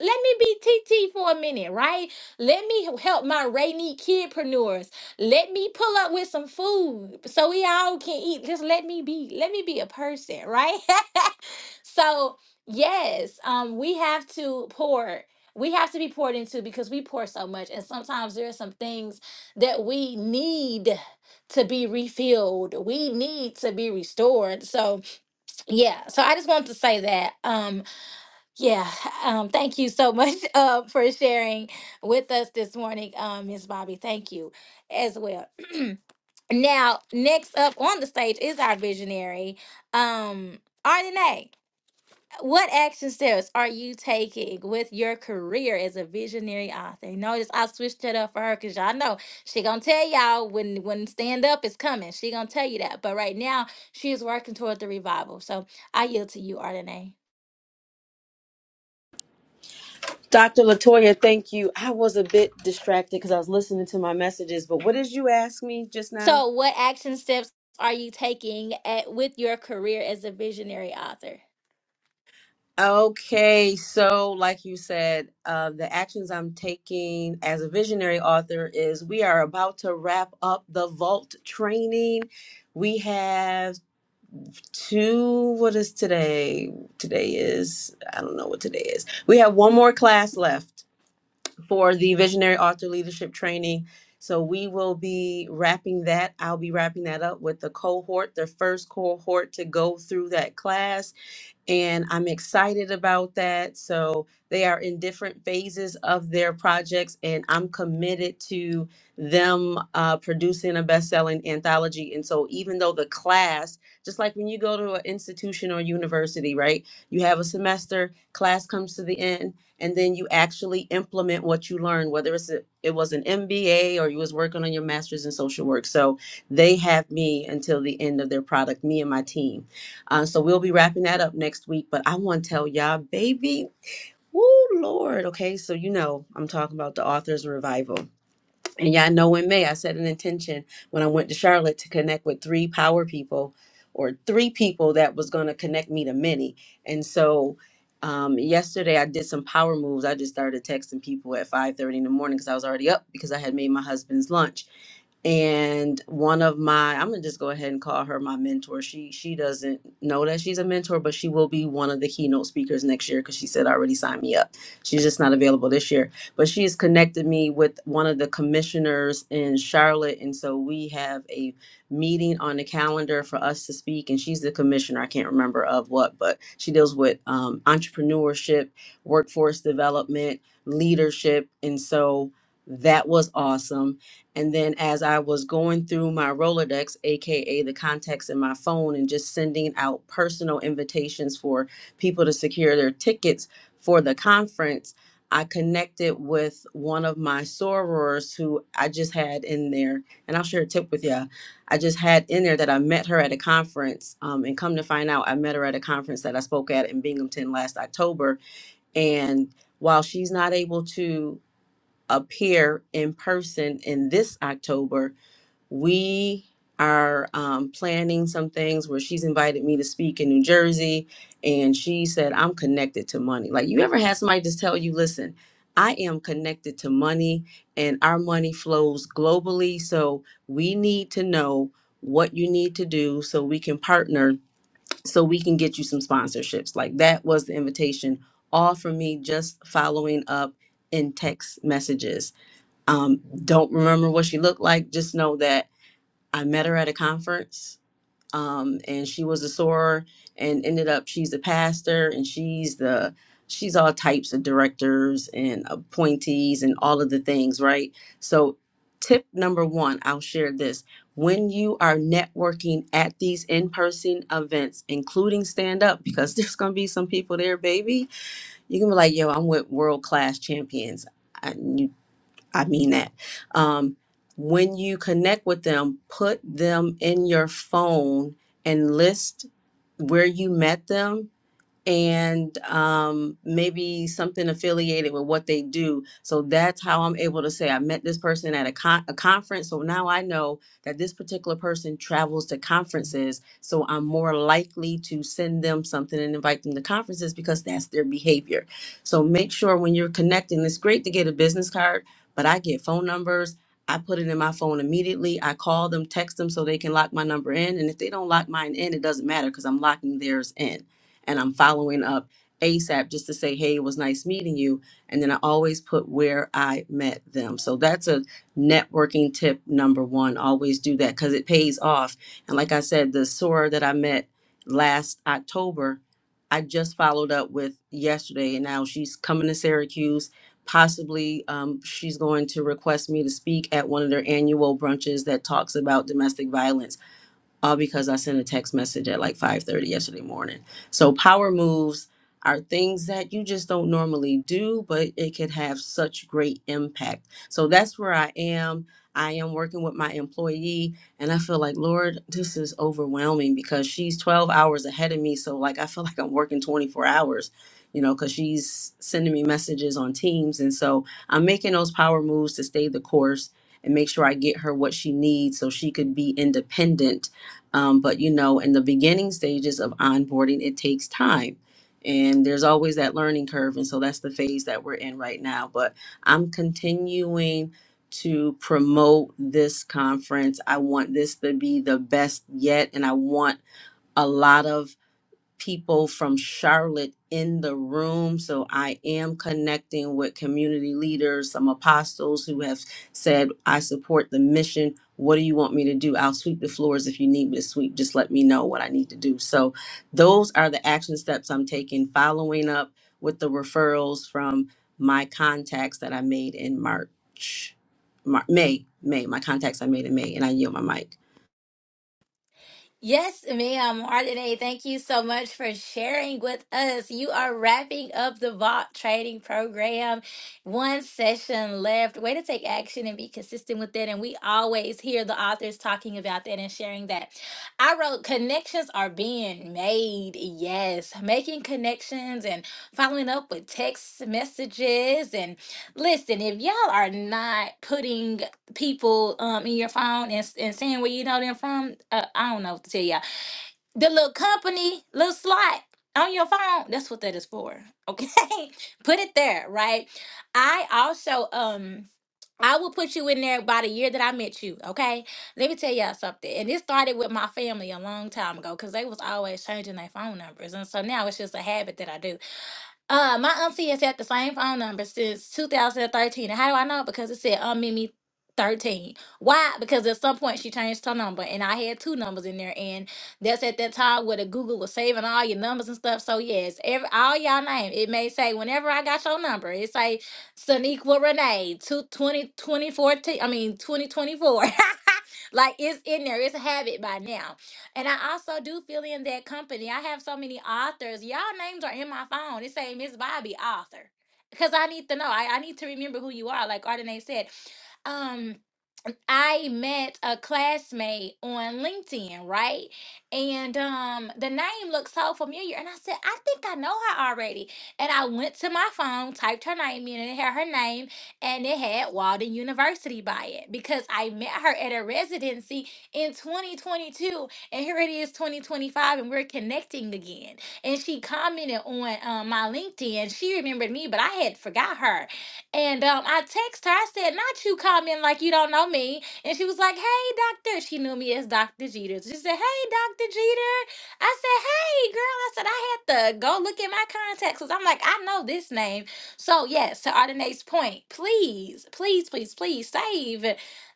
[SPEAKER 1] Let me be TT for a minute, right? Let me help my Rainy kidpreneurs. Let me pull up with some food so we all can eat. Just let me be. Let me be a person, right? so yes, um, we have to pour. We have to be poured into because we pour so much, and sometimes there are some things that we need to be refilled. We need to be restored. So yeah. So I just wanted to say that. Um yeah. Um thank you so much uh for sharing with us this morning, um, Miss Bobby. Thank you as well. now, next up on the stage is our visionary, um, Ardenae. What action steps are you taking with your career as a visionary author? Notice I switched it up for her because y'all know she gonna tell y'all when when stand up is coming. She gonna tell you that. But right now she is working toward the revival. So I yield to you, Ardenae.
[SPEAKER 11] Dr. Latoya, thank you. I was a bit distracted because I was listening to my messages, but what did you ask me just now?
[SPEAKER 1] So what action steps are you taking at with your career as a visionary author?
[SPEAKER 11] Okay, so like you said, uh, the actions I'm taking as a visionary author is we are about to wrap up the vault training. We have two, what is today? Today is, I don't know what today is. We have one more class left. for the Visionary Author Leadership Training. So we will be wrapping that. I'll be wrapping that up with the cohort, the first cohort to go through that class and I'm excited about that. So they are in different phases of their projects, and I'm committed to them uh, producing a best-selling anthology. And so, even though the class, just like when you go to an institution or university, right, you have a semester, class comes to the end, and then you actually implement what you learn, whether it's a, it was an MBA or you was working on your master's in social work. So they have me until the end of their product, me and my team uh, so we'll be wrapping that up next week. But I want to tell y'all, baby, woo, Lord. Okay, so you know I'm talking about the author's revival. And yeah, I know in May I set an intention when I went to Charlotte to connect with three power people or three people that was going to connect me to many. And so um, yesterday I did some power moves. I just started texting people at 5:30 in the morning because I was already up because I had made my husband's lunch. And one of my I'm gonna just go ahead and call her my mentor. She she doesn't know that she's a mentor, but she will be one of the keynote speakers next year because she said already signed me up. She's just not available this year but she has connected me with one of the commissioners in Charlotte. And so we have a meeting on the calendar for us to speak. And she's the commissioner, I can't remember of what, but she deals with um, entrepreneurship, workforce development, leadership. And so that was awesome. And then as I was going through my Rolodex, AKA the contacts in my phone, and just sending out personal invitations for people to secure their tickets for the conference I connected with one of my sorors who I just had in there, and I'll share a tip with you. I just had in there that I met her at a conference, um, and come to find out, I met her at a conference that I spoke at in Binghamton last October. And while she's not able to appear in person in this October, we are um, planning some things where she's invited me to speak in New Jersey, and she said, I'm connected to money. Like, you ever had somebody just tell you, listen, I am connected to money, and our money flows globally. So, we need to know what you need to do so we can partner, so we can get you some sponsorships. Like, that was the invitation, all from me just following up in text messages. Um, don't remember what she looked like, just know that I met her at a conference, um, and she was a soror, and ended up she's a pastor, and she's the she's all types of directors and appointees and all of the things, right? So, tip number one, I'll share this: when you are networking at these in-person events, including stand-up, because there's gonna be some people there, baby. You can be like, "Yo, I'm with world-class champions." I, I mean that. Um, when you connect with them, put them in your phone and list where you met them and um, maybe something affiliated with what they do. So that's how I'm able to say I met this person at a, con- a conference. So now I know that this particular person travels to conferences. So I'm more likely to send them something and invite them to conferences because that's their behavior. So make sure when you're connecting, it's great to get a business card, but I get phone numbers. I put it in my phone immediately. I call them, text them so they can lock my number in. And if they don't lock mine in, it doesn't matter because I'm locking theirs in and I'm following up ASAP just to say, hey, it was nice meeting you. And then I always put where I met them. So that's a networking tip number one. Always do that because it pays off. And like I said, the soror that I met last October, I just followed up with yesterday. And now she's coming to Syracuse. Possibly um, she's going to request me to speak at one of their annual brunches that talks about domestic violence all because I sent a text message at like 5:30 yesterday morning. So power moves are things that you just don't normally do, but it could have such great impact. So that's where I am. I am working with my employee and I feel like, Lord, this is overwhelming because she's 12 hours ahead of me. So like I feel like I'm working 24 hours, you know, cuz she's sending me messages on Teams and so I'm making those power moves to stay the course and make sure I get her what she needs so she could be independent um, but you know, in the beginning stages of onboarding, it takes time. And there's always that learning curve. And so that's the phase that we're in right now. But I'm continuing to promote this conference. I want this to be the best yet. And I want a lot of people from Charlotte in the room. So I am connecting with community leaders, some apostles who have said, I support the mission. What do you want me to do? I'll sweep the floors if you need me to sweep. Just let me know what I need to do. So those are the action steps I'm taking, following up with the referrals from my contacts that I made in March, Mar- May, May, my contacts I made in May, and I yield my mic.
[SPEAKER 1] Yes, ma'am. Martinez, thank you so much for sharing with us. You are wrapping up the Vault Trading Program. One session left. Way to take action and be consistent with it. And we always hear the authors talking about that and sharing that. I wrote connections are being made. Yes, making connections and following up with text messages. And listen, if y'all are not putting people um in your phone and, and seeing where you know them from, uh, I don't know what to tell y'all. The little company, little slot on your phone, that's what that is for. Okay. put it there, right? I also um I will put you in there by the year that I met you, okay? Let me tell y'all something. And this started with my family a long time ago because they was always changing their phone numbers. And so now it's just a habit that I do. Uh, my auntie has had the same phone number since 2013. And how do I know? Because it said Aunt Mimi 13. Why? Because at some point she changed her number, and I had two numbers in there, and that's at that time where the Google was saving all your numbers and stuff. So yes, every all y'all name it may say whenever I got your number, it say Saniqua Renee two twenty twenty fourteen. I mean 2024. like it's in there. It's a habit by now. And I also do feel in that company. I have so many authors. Y'all names are in my phone. It say Miss Bobby, author. Because I need to know. I, I need to remember who you are. Like Ardenae said. Um, I met a classmate on LinkedIn, right? And um, the name looked so familiar. And I said, I think I know her already. And I went to my phone, typed her name in, and it had her name, and it had Walden University by it because I met her at a residency in 2022. And here it is, 2025, and we're connecting again. And she commented on um, my LinkedIn. She remembered me, but I had forgot her. And um, I text her. I said, "Not you coming like you don't know me." And she was like, "Hey, doctor." She knew me as Doctor Jeter. She said, "Hey, Doctor Jeter." I said, "Hey, girl." I said, "I had to go look at my contacts because I'm like, I know this name." So yes, to Ardenae's point, please, please, please, please save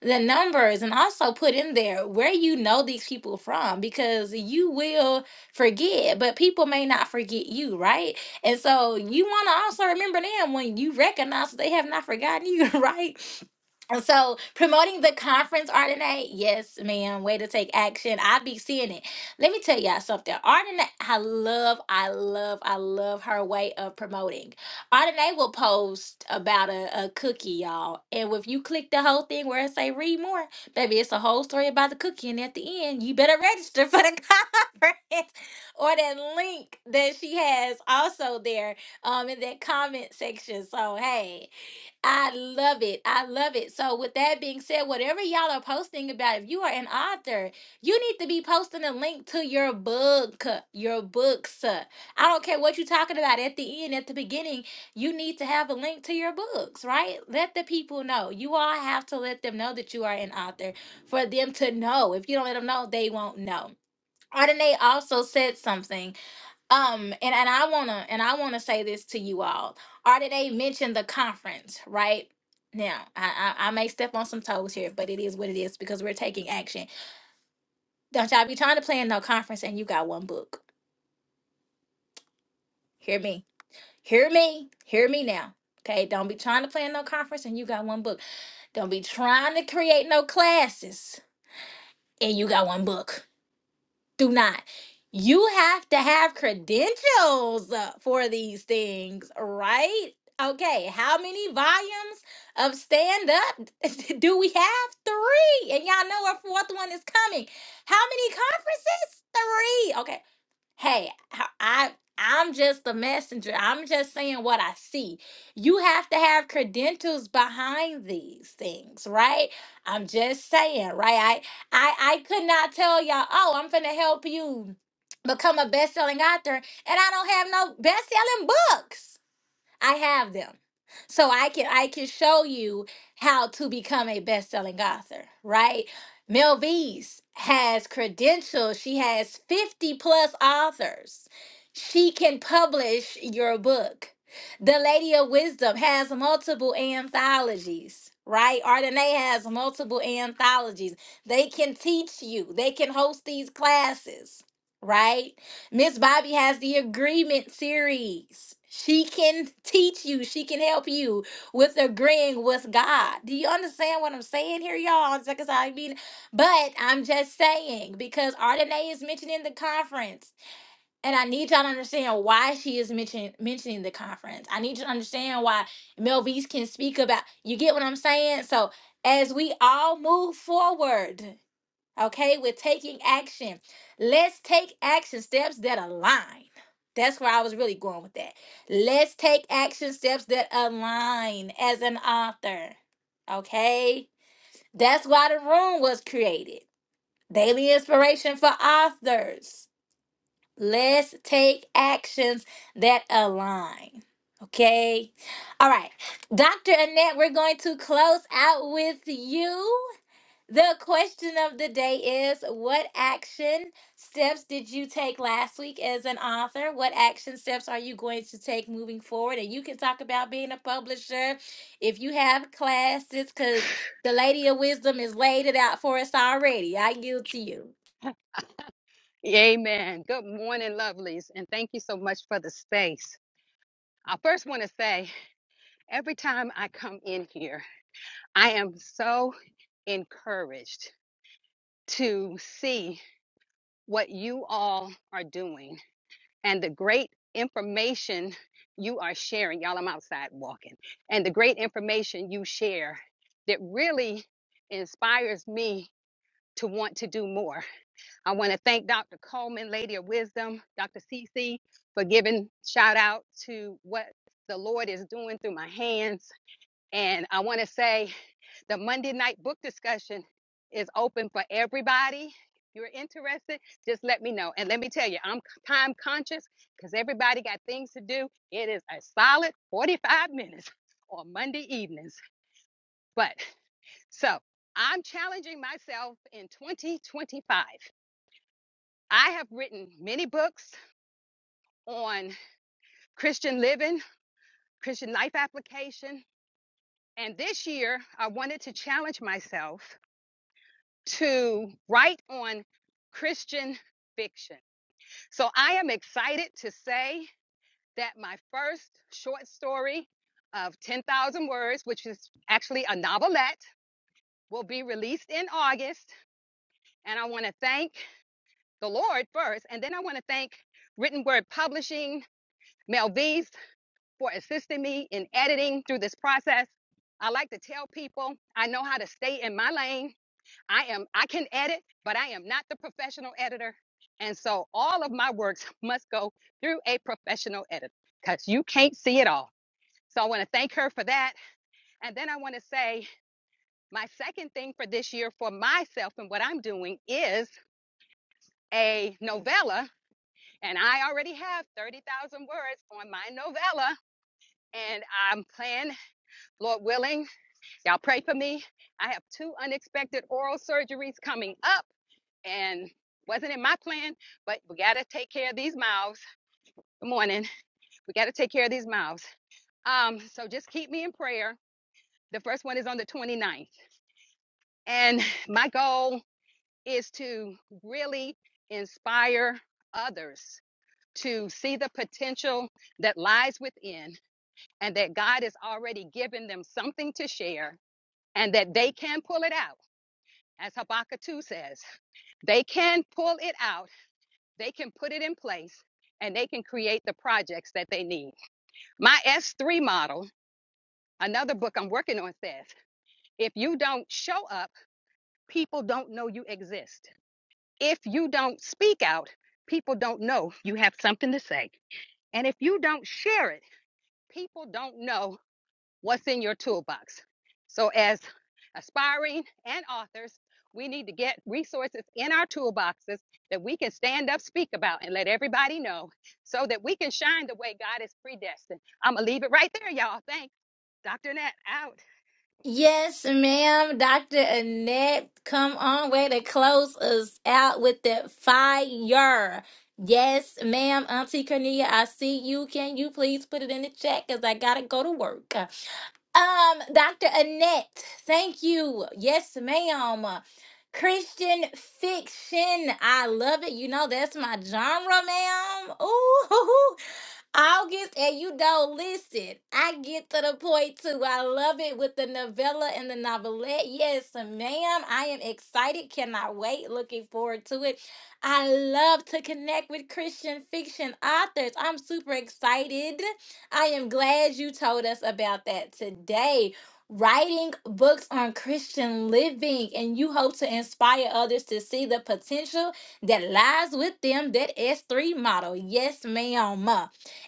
[SPEAKER 1] the numbers and also put in there where you know these people from because you will forget, but people may not forget you, right? And so you want to also remember them when you recognize that they have not forgotten you, right? So promoting the conference Ardenae, yes, ma'am. Way to take action. I be seeing it. Let me tell y'all something. Ardenae. I love, I love, I love her way of promoting. Ardenae will post about a, a cookie, y'all. And if you click the whole thing where it say read more, baby, it's a whole story about the cookie. And at the end, you better register for the conference or that link that she has also there um in that comment section. So hey, I love it. I love it. So, with that being said, whatever y'all are posting about, if you are an author, you need to be posting a link to your book, your books. I don't care what you're talking about at the end, at the beginning, you need to have a link to your books, right? Let the people know. You all have to let them know that you are an author for them to know. If you don't let them know, they won't know. Ardenae also said something um and and i want to and i want to say this to you all already they mentioned the conference right now I, I i may step on some toes here but it is what it is because we're taking action don't y'all be trying to plan no conference and you got one book hear me hear me hear me now okay don't be trying to plan no conference and you got one book don't be trying to create no classes and you got one book do not. You have to have credentials uh, for these things, right? Okay, how many volumes of stand up do we have? Three. And y'all know our fourth one is coming. How many conferences? Three. Okay hey I i i i'm just the messenger i'm just saying what i see you have to have credentials behind these things right i'm just saying right i i, I could not tell y'all oh i'm gonna help you become a best-selling author and i don't have no best-selling books I have them. So I can I can show you how to become a best-selling author, right? Mel V's has credentials. She has 50 plus authors. She can publish your book. The Lady of Wisdom has multiple anthologies, right? Ardenae has multiple anthologies. They can teach you. They can host these classes, right? Miss Bobby has the agreement series. She can teach you, she can help you with agreeing with God. Do you understand what I'm saying here, y'all? It's like I said, I mean, but I'm just saying because Ardenae is mentioning the conference, and I need y'all to understand why she is mentioning mentioning the conference. I need you to understand why Melvise can speak about. You get what I'm saying? So as we all move forward. Okay, we're taking action. Let's take action steps that align. That's where I was really going with that. Let's take action steps that align as an author. Okay, that's why the room was created. Daily inspiration for authors. Let's take actions that align. Okay. All right. Dr. Annette, we're going to close out with you. The question of the day is What action steps did you take last week as an author? What action steps are you going to take moving forward? And you can talk about being a publisher if you have classes, because the Lady of Wisdom has laid it out for us already. I yield to you.
[SPEAKER 12] Amen. Good morning, lovelies, and thank you so much for the space. I first want to say every time I come in here, I am so encouraged to see what you all are doing and the great information you are sharing. Y'all, I'm outside walking, and the great information you share that really inspires me to want to do more. I want to thank Dr. Coleman, Lady of Wisdom, Dr. Cece, for giving shout out to what the Lord is doing through my hands. And I want to say the Monday night book discussion is open for everybody. If you're interested, just let me know. And let me tell you, I'm time conscious because everybody got things to do. It is a solid 45 minutes on Monday evenings. But so I'm challenging myself in 2025. I have written many books. on Christian living, Christian life application. And this year, I wanted to challenge myself to write on Christian fiction. So I am excited to say that my first short story of 10,000 words, which is actually a novelette, will be released in August. And I want to thank the Lord first, and then I want to thank Written Word Publishing, Mel V's for assisting me in editing through this process. I like to tell people I know how to stay in my lane. I am I can edit, but I am not the professional editor. And so all of my works must go through a professional editor cuz you can't see it all. So I want to thank her for that. And then I want to say my second thing for this year for myself and what I'm doing is a novella and I already have 30,000 words on my novella and I'm planning, Lord willing Y'all pray for me. I have two unexpected oral surgeries coming up, and wasn't in my plan, but we got to take care of these mouths. Good morning. We got to take care of these mouths. Um, so just keep me in prayer. The first one is on the 29th, and my goal is to really inspire others to see the potential that lies within and that God has already given them something to share and that they can pull it out, as Habakkuk 2 says. They can pull it out, they can put it in place, and they can create the projects that they need. My S3 model, another book I'm working on, says if you don't show up, people don't know you exist. If you don't speak out, people don't know you have something to say. And if you don't share it, people don't know what's in your toolbox. So, as aspiring and authors, we need to get resources in our toolboxes that we can stand up, speak about, and let everybody know so that we can shine the way God is predestined. I'm going to leave it right there, y'all. Thanks. Dr. Nat, out.
[SPEAKER 1] Yes, ma'am. Dr. Annette, come on, way to close us out with the fire. Yes, ma'am. Auntie Cornelia, I see you. Can you please put it in the chat? Because I got to go to work. Um, Dr. Annette, thank you. Yes, ma'am. Christian fiction. I love it. You know, that's my genre, ma'am. Ooh, August, and you don't listen. I get to the point too. I love it with the novella and the novelette. Yes, ma'am. I am excited. Cannot wait. Looking forward to it. I love to connect with Christian fiction authors. I'm super excited. I am glad you told us about that today. Writing books on Christian living, and you hope to inspire others to see the potential that lies with them that S3 model. Yes, ma'am.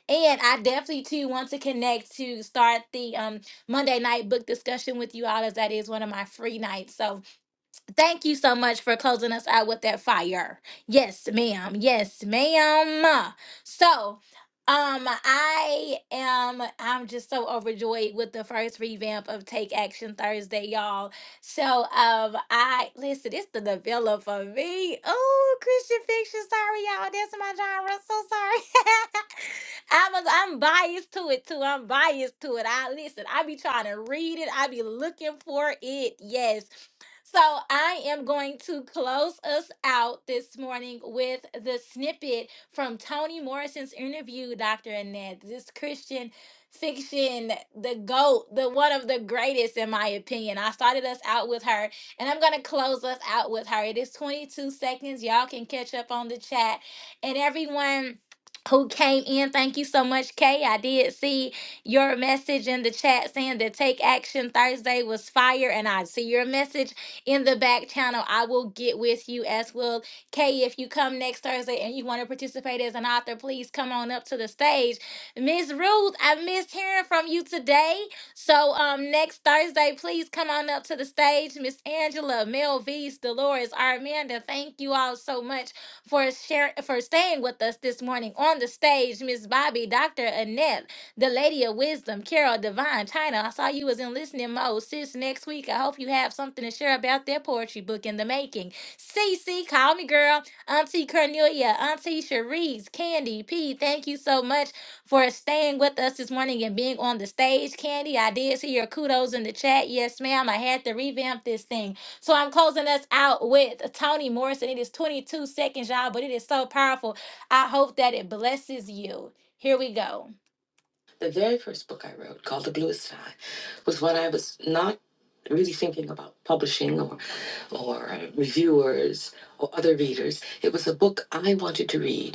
[SPEAKER 1] And I definitely too want to connect to start the um, Monday night book discussion with you all, as that is one of my free nights. So thank you so much for closing us out with that fire. Yes, ma'am. Yes, ma'am. So um I am I'm just so overjoyed with the first revamp of Take Action Thursday, y'all. So um I listen, it's the novella for me. Oh, Christian fiction, sorry y'all, that's my genre. So sorry. I'm a, I'm biased to it too. I'm biased to it. I listen. I be trying to read it. I be looking for it. Yes. So I am going to close us out this morning with the snippet from Toni Morrison's interview, Dr. Annette. This Christian fiction, the GOAT, the one of the greatest in my opinion. I started us out with her and I'm gonna close us out with her. It is 22 seconds. Y'all can catch up on the chat. And everyone who came in. Thank you so much, Kay. I did see your message in the chat saying that Take Action Thursday was fire, and I see your message in the back channel. I will get with you as well. Kay, if you come next Thursday and you want to participate as an author, please come on up to the stage. Miss Ruth, I missed hearing from you today. So um next Thursday, please come on up to the stage. Miss Angela, Mel V's, Dolores, Armanda, thank you all so much for sharing for staying with us this morning on the stage. Miss Bobby, Dr. Annette, the Lady of Wisdom, Carol Divine, China. I saw you was in listening mode. Sis, next week I hope you have something to share about that poetry book in the making. Cece, call me girl. Auntie Cornelia, Auntie Cherise, Candy, P, thank you so much for staying with us this morning and being on the stage. Candy, I did see your kudos in the chat. Yes, ma'am. I had to revamp this thing. So I'm closing us out with Toni Morrison. It is 22 seconds, y'all, but it is so powerful. I hope that it blesses you. Here we go. The very first book I wrote, called The Bluest Sky, was when I was not really thinking about publishing or, or uh, reviewers or other readers. It was a book I wanted to read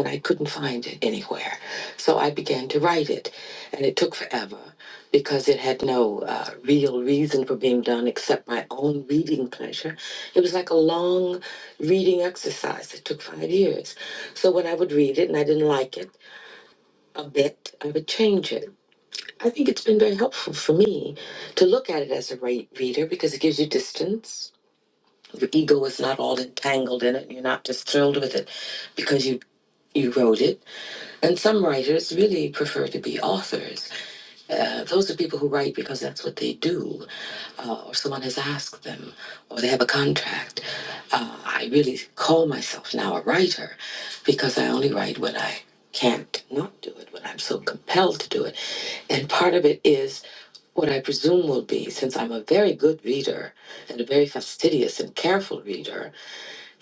[SPEAKER 1] and I couldn't find it anywhere. So I began to write it, and it took forever because it had no uh, real reason for being done except my own reading pleasure. It was like a long reading exercise. It took five years. So when I would read it and I didn't like it a bit, I would change it. I think it's been very helpful for me to look at it as a re- reader because it gives you distance. Your ego is not all entangled in it. You're not just thrilled with it because you you wrote it and some writers really prefer to be authors. Uh, those are people who write because that's what they do, uh, or someone has asked them, or they have a contract. Uh, I really call myself now a writer because I only write when I can't not do it, when I'm so compelled to do it. And part of it is what I presume will be, since I'm a very good reader and a very fastidious and careful reader,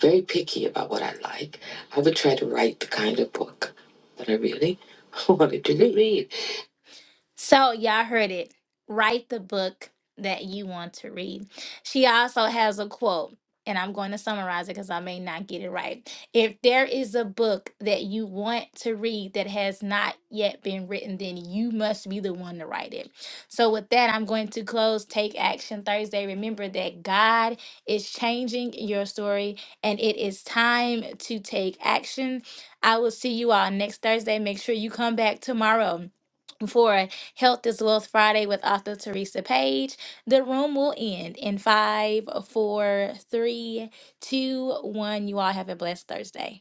[SPEAKER 1] very picky about what I like. I would try to write the kind of book that I really wanted to read. So, y'all heard it. Write the book that you want to read. She also has a quote, and I'm going to summarize it because I may not get it right. If there is a book that you want to read that has not yet been written, then you must be the one to write it. So, with that, I'm going to close Take Action Thursday. Remember that God is changing your story, and it is time to take action. I will see you all next Thursday. Make sure you come back tomorrow. For Health is Wealth Friday with author Teresa Page. The room will end in five, four, three, two, one. You all have a blessed Thursday.